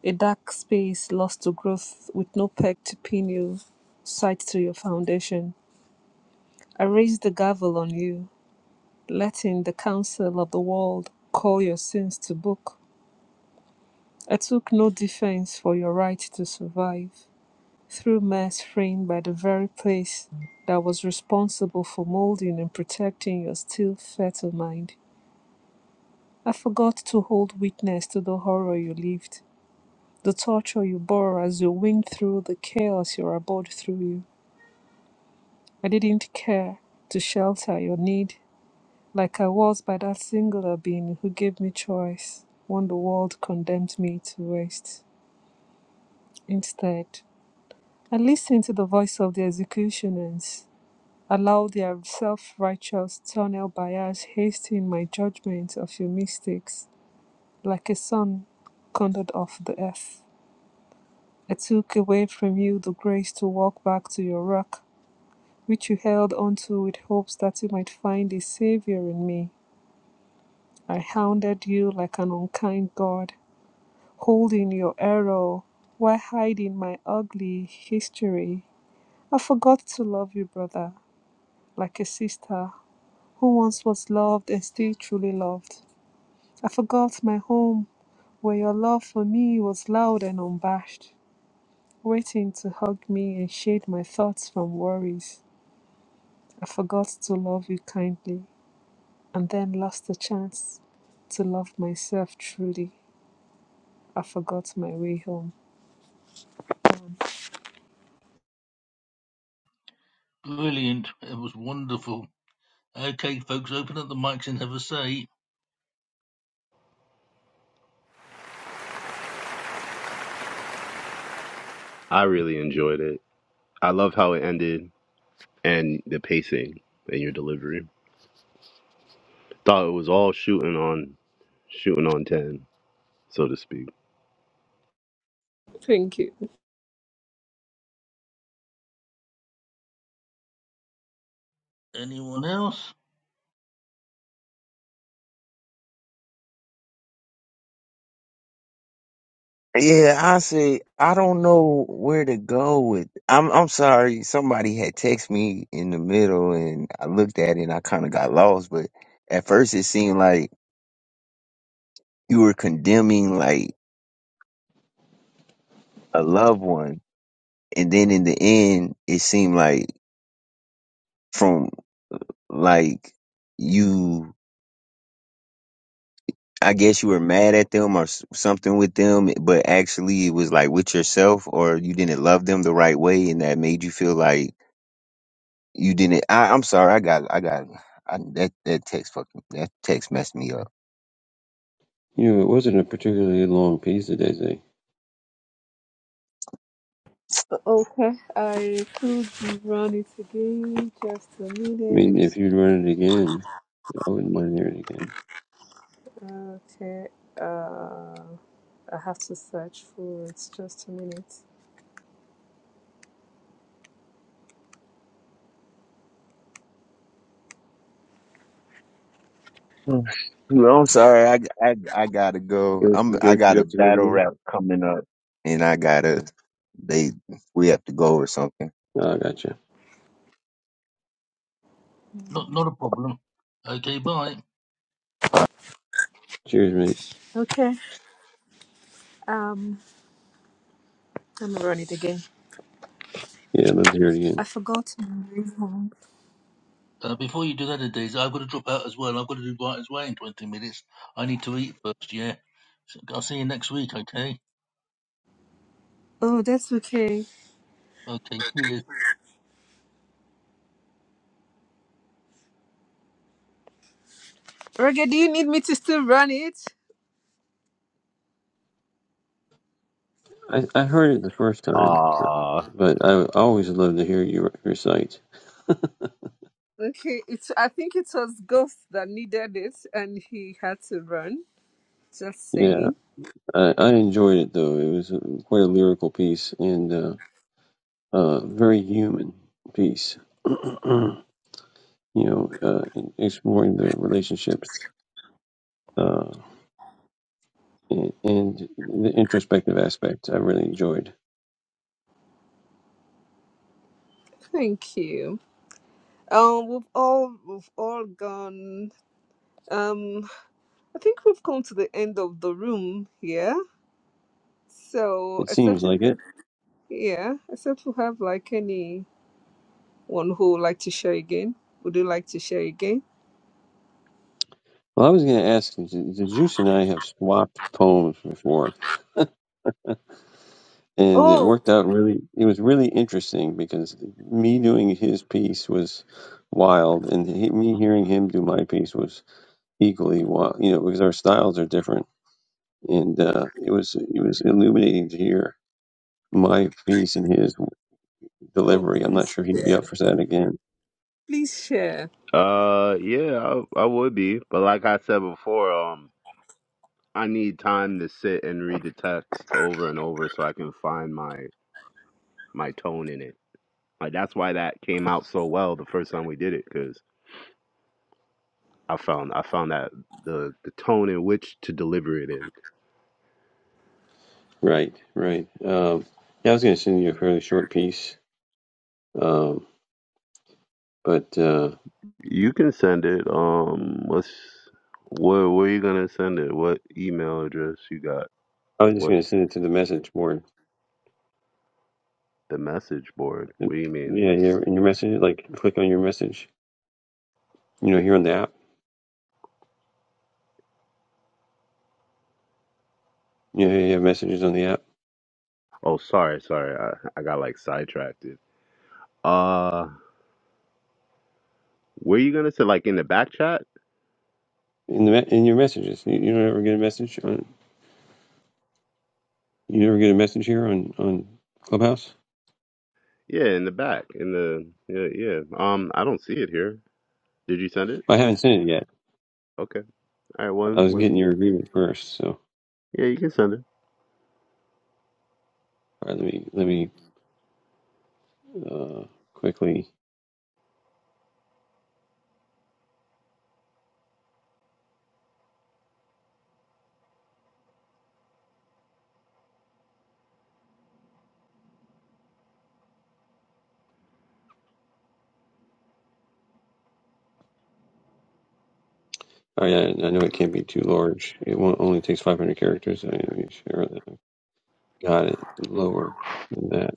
Speaker 2: A dark space lost to growth with no peg to pin you, sight to your foundation. I raise the gavel on you, letting the counsel of the world call your sins to book. I took no defense for your right to survive, through mess framed by the very place that was responsible for molding and protecting your still fertile mind. I forgot to hold witness to the horror you lived, the torture you bore as you winged through the chaos you abhorred through you. I didn't care to shelter your need like I was by that singular being who gave me choice when the world condemned me to waste. Instead, I listened to the voice of the executioners, allowed their self righteous tunnel bias hasten my judgment of your mistakes, like a son condured off the earth. I took away from you the grace to walk back to your rock, which you held onto with hopes that you might find a savior in me. I hounded you like an unkind God holding your arrow while hiding my ugly history. I forgot to love you, brother, like a sister who once was loved and still truly loved. I forgot my home where your love for me was loud and unabashed, waiting to hug me and shade my thoughts from worries. I forgot to love you kindly and then lost the chance to love myself truly. I forgot my way home.
Speaker 1: brilliant. It was wonderful. Okay, folks, open up the mics and have a say.
Speaker 11: I really enjoyed it. I love how it ended and the pacing and your delivery. Thought it was all shooting on shooting on ten, so to speak.
Speaker 2: Thank you.
Speaker 1: Anyone else?
Speaker 10: Yeah, I say I don't know where to go with. I'm, I'm sorry, somebody had text me in the middle and I looked at it and I kind of got lost. But at first it seemed like you were condemning like a loved one, and then in the end it seemed like from like you i guess you were mad at them or s- something with them but actually it was like with yourself or you didn't love them the right way and that made you feel like you didn't I, i'm sorry i got i got I, that that text fucking that text messed me up
Speaker 12: You know, it wasn't a particularly long piece today.
Speaker 2: Okay, I could run it again. Just a
Speaker 12: I mean, if
Speaker 2: minute.
Speaker 12: you'd run it again, I wouldn't mind hearing it again.
Speaker 2: Okay, uh, I have to search for it. Just a minute.
Speaker 10: Mm. well, i'm sorry I, I i gotta go
Speaker 12: Go,
Speaker 10: i'm i
Speaker 12: go, you
Speaker 10: got a
Speaker 12: have to hear it
Speaker 10: battle
Speaker 12: again?
Speaker 10: rap coming up and i gotta they we have to go or something
Speaker 12: Oh, I gotcha.
Speaker 1: Not, not a problem. Okay, bye.
Speaker 12: Cheers, mate.
Speaker 2: Okay, um, let me run it again.
Speaker 12: Yeah, I'd love to hear it
Speaker 2: I
Speaker 12: again.
Speaker 2: forgot my song.
Speaker 1: Uh, before you do that, Adesa, I've got to drop out as well. I've got to do Brighter's Way in 20 minutes. I need to eat first, yeah. So I'll see you next week, okay?
Speaker 2: Oh, that's okay.
Speaker 1: Okay, cheers.
Speaker 2: Reggae, do you need me to still run it?
Speaker 12: I, I heard it the first time,
Speaker 11: Ah.
Speaker 12: but I would always love to hear you recite.
Speaker 2: Okay, it's. I think it was Ghost that needed it, and he had to run. Just
Speaker 12: Yeah,
Speaker 2: saying.
Speaker 12: I, I enjoyed it though. It was uh, quite a lyrical piece and uh, uh, very human piece. you know, uh, exploring the relationships uh, and, and the introspective aspect. I really enjoyed.
Speaker 2: Thank you. Um, we've all we've all gone. Um. I think we've come to the end of the room here. So,
Speaker 12: It seems
Speaker 2: except if,
Speaker 12: like it.
Speaker 2: yeah, except we have like anyone who would like to share again. Would you like to share again?
Speaker 12: Well, I was going to ask, the the Juice and I have swapped poems before, and it
Speaker 2: Oh,
Speaker 12: worked out really. It was really interesting because me doing his piece was wild, and he, me hearing him do my piece was equally wild. You know, because our styles are different, and uh, it was it was illuminating to hear my piece and his
Speaker 2: oh,
Speaker 12: delivery. I'm not
Speaker 2: please
Speaker 12: sure he'd be
Speaker 2: share.
Speaker 12: up for that again.
Speaker 2: Please share.
Speaker 11: Uh, yeah, I, I would be, but like I said before, um, I need time to sit and read the text over and over so I can find my my tone in it. Like that's why that came out so well the first time we did it, 'cause I found I found that the the tone in which to deliver it in.
Speaker 12: Right, right. Um, yeah, I was going to send you a fairly short piece, um, but uh,
Speaker 11: You can send it. Um, what's where where you gonna send it? What email address you got?
Speaker 12: I was just
Speaker 11: What
Speaker 12: going to send it to the message board
Speaker 11: the message board?
Speaker 12: Yeah,
Speaker 11: What do you mean?
Speaker 12: yeah, in your message, like click on your message. You know, here on the app. You know, you have messages on the app.
Speaker 11: Oh, sorry, sorry. I, I got like sidetracked. Uh, where you gonna send? Like in the back chat?
Speaker 12: In the me- in your messages, you, you don't ever get a message on. You never get a message here on on Clubhouse.
Speaker 11: Yeah, in the back. In the yeah yeah. Um, I don't see it here. Did you send it?
Speaker 12: I haven't sent it yet.
Speaker 11: Okay. All right.
Speaker 12: I
Speaker 11: One
Speaker 12: was getting
Speaker 11: one.
Speaker 12: your agreement first, so
Speaker 11: Yeah, you can send it.
Speaker 12: all right, let me let me uh quickly. Oh yeah, I know it can't be too large. It won't, only takes 500 characters. I mean, sure, that I got it lower than that.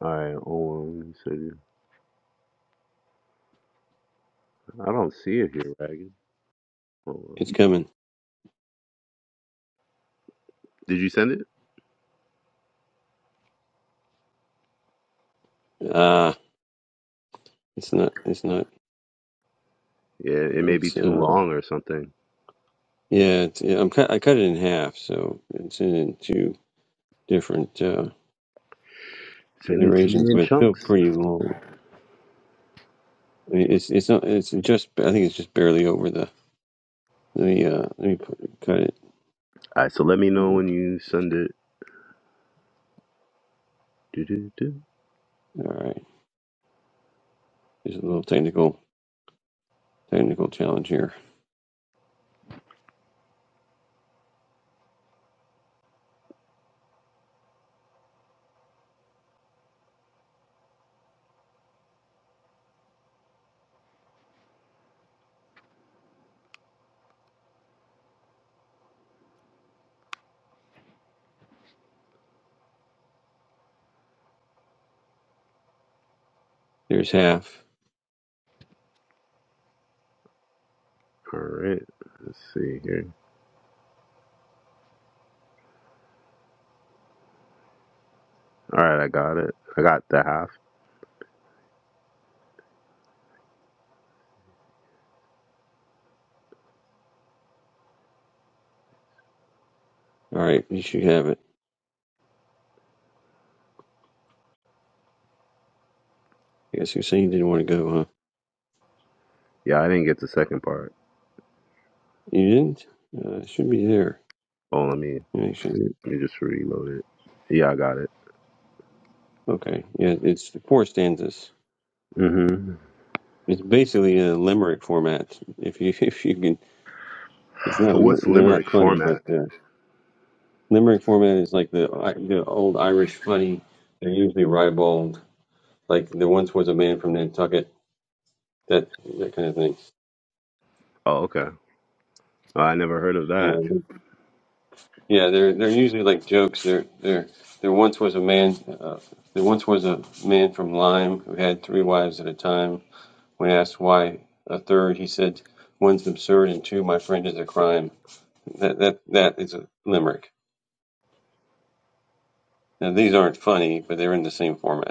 Speaker 11: All right. Hold on. Let me see. I don't see it here, Ragged. Hold on.
Speaker 12: It's coming.
Speaker 11: Did you send it?
Speaker 12: Ah, it's not. It's not.
Speaker 11: Yeah, it may be
Speaker 12: It's
Speaker 11: too
Speaker 12: uh.
Speaker 11: long or something.
Speaker 12: Yeah, it's, yeah, I'm cut. I cut it in half, so it's in two different uh,
Speaker 11: Send it to
Speaker 12: iterations,
Speaker 11: me in
Speaker 12: but it's still
Speaker 11: chunks.
Speaker 12: pretty long. I mean, it's it's not. It's just. I think it's just barely over the. Let me uh. Let me put, cut it.
Speaker 11: All right, so let me know
Speaker 12: All
Speaker 11: when you send it. Do do do.
Speaker 12: right. There's a little technical technical challenge here. There's half.
Speaker 11: All right, let's see here. All right, I got it. I got the half.
Speaker 12: All right. You should have it. I guess you're saying you didn't want to go, huh?
Speaker 11: Yeah, I didn't get the second part.
Speaker 12: You didn't. Uh, it should be there.
Speaker 11: Oh, let me
Speaker 12: Yeah, you should.
Speaker 11: let me just reload it. Yeah, I got it.
Speaker 12: Okay. Yeah. It's four stanzas.
Speaker 11: hmm
Speaker 12: It's basically a limerick format. If you if you can It's not a, li-
Speaker 11: What's
Speaker 12: they're not
Speaker 11: limerick
Speaker 12: funny,
Speaker 11: format?
Speaker 12: but the limerick format is like the I- the old Irish funny. They're usually ribald. Like there once was a man from Nantucket. That that kind of thing.
Speaker 11: Oh, okay. Oh, I never heard of
Speaker 12: You
Speaker 11: that.
Speaker 12: know, yeah, they're they're usually like jokes. There there there once was a man. Uh, there once was a man from Lyme who had three wives at a time. When asked why a third, he said, "One's absurd, and two, my friend, is a crime." That that that is a limerick. Now these aren't funny, but they're in the same format.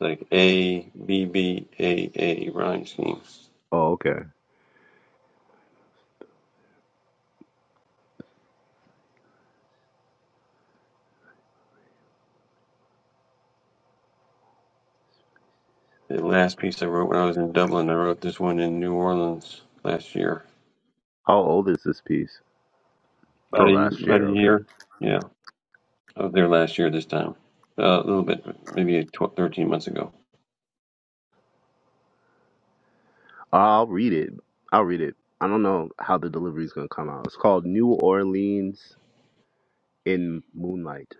Speaker 12: like A B B A A rhyme scheme.
Speaker 11: Oh, okay.
Speaker 12: The last piece I wrote when I was in Dublin, I wrote this one in New Orleans last year.
Speaker 11: How old is this piece? Oh,
Speaker 12: About a
Speaker 11: last
Speaker 12: about
Speaker 11: year.
Speaker 12: a
Speaker 11: Okay.
Speaker 12: year, yeah. I was there last year this time, uh, a little bit, maybe 12, 13 months ago.
Speaker 11: I'll read it. I'll read it. I don't know how the delivery's gonna come out. It's called New Orleans in moonlight.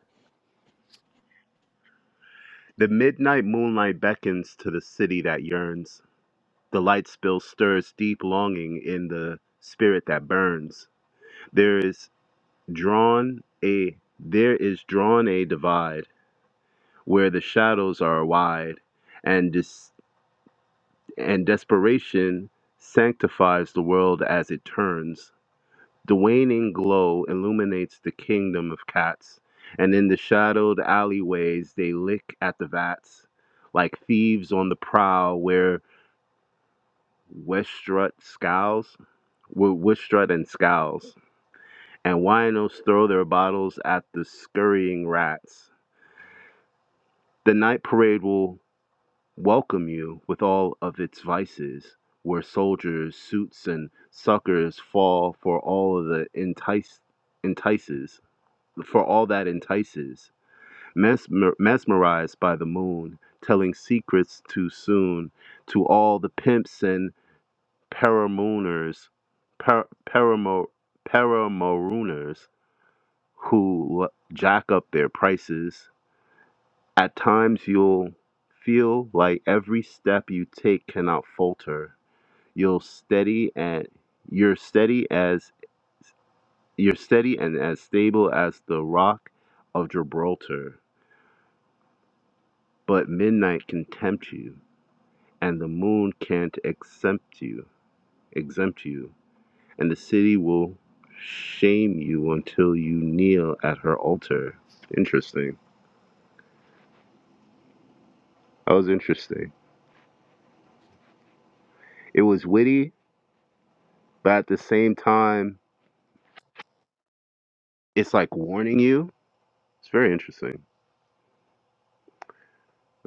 Speaker 11: The midnight moonlight beckons to the city that yearns. The light spill stirs deep longing in the spirit that burns. There is drawn a there is drawn a divide where the shadows are wide, and dis, and desperation sanctifies the world as it turns. The waning glow illuminates the kingdom of cats, and in the shadowed alleyways they lick at the vats, like thieves on the prowl where Westrut scowls, where Westrut and scowls, and winos throw their bottles at the scurrying rats. The night parade will welcome you with all of its vices, where soldiers, suits, and suckers fall for all of the entice, entices. for all that entices, mesmer- mesmerized by the moon, telling secrets too soon to all the pimps and paramooners, par- paramo- paramooners who l- jack up their prices. At times you'll feel like every step you take cannot falter. You'll steady and you're steady as you're steady and as stable as the rock of Gibraltar But midnight can tempt you, and the moon can't exempt you, exempt you, and the city will shame you until you kneel at her altar. Interesting. That was interesting. It was witty, but at the same time, it's like warning you. It's very interesting.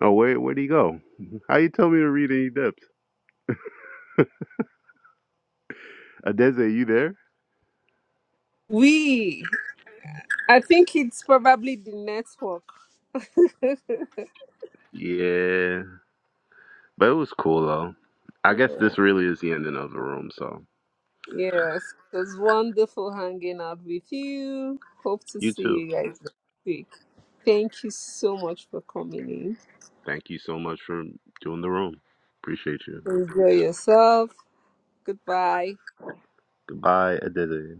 Speaker 11: Oh, where where do you go? How you tell me to read any depth? Adeze, you there?
Speaker 2: We, I think it's probably the network.
Speaker 11: Yeah, but it was cool though. I guess this really is the ending of the room, so
Speaker 2: Yes, it was wonderful hanging out with you. Hope to
Speaker 11: you
Speaker 2: see
Speaker 11: too.
Speaker 2: you guys next week. Thank you so much for coming in.
Speaker 11: Thank you so much for doing the room. Appreciate you.
Speaker 2: Enjoy yourself. Goodbye.
Speaker 11: Goodbye, Aditi.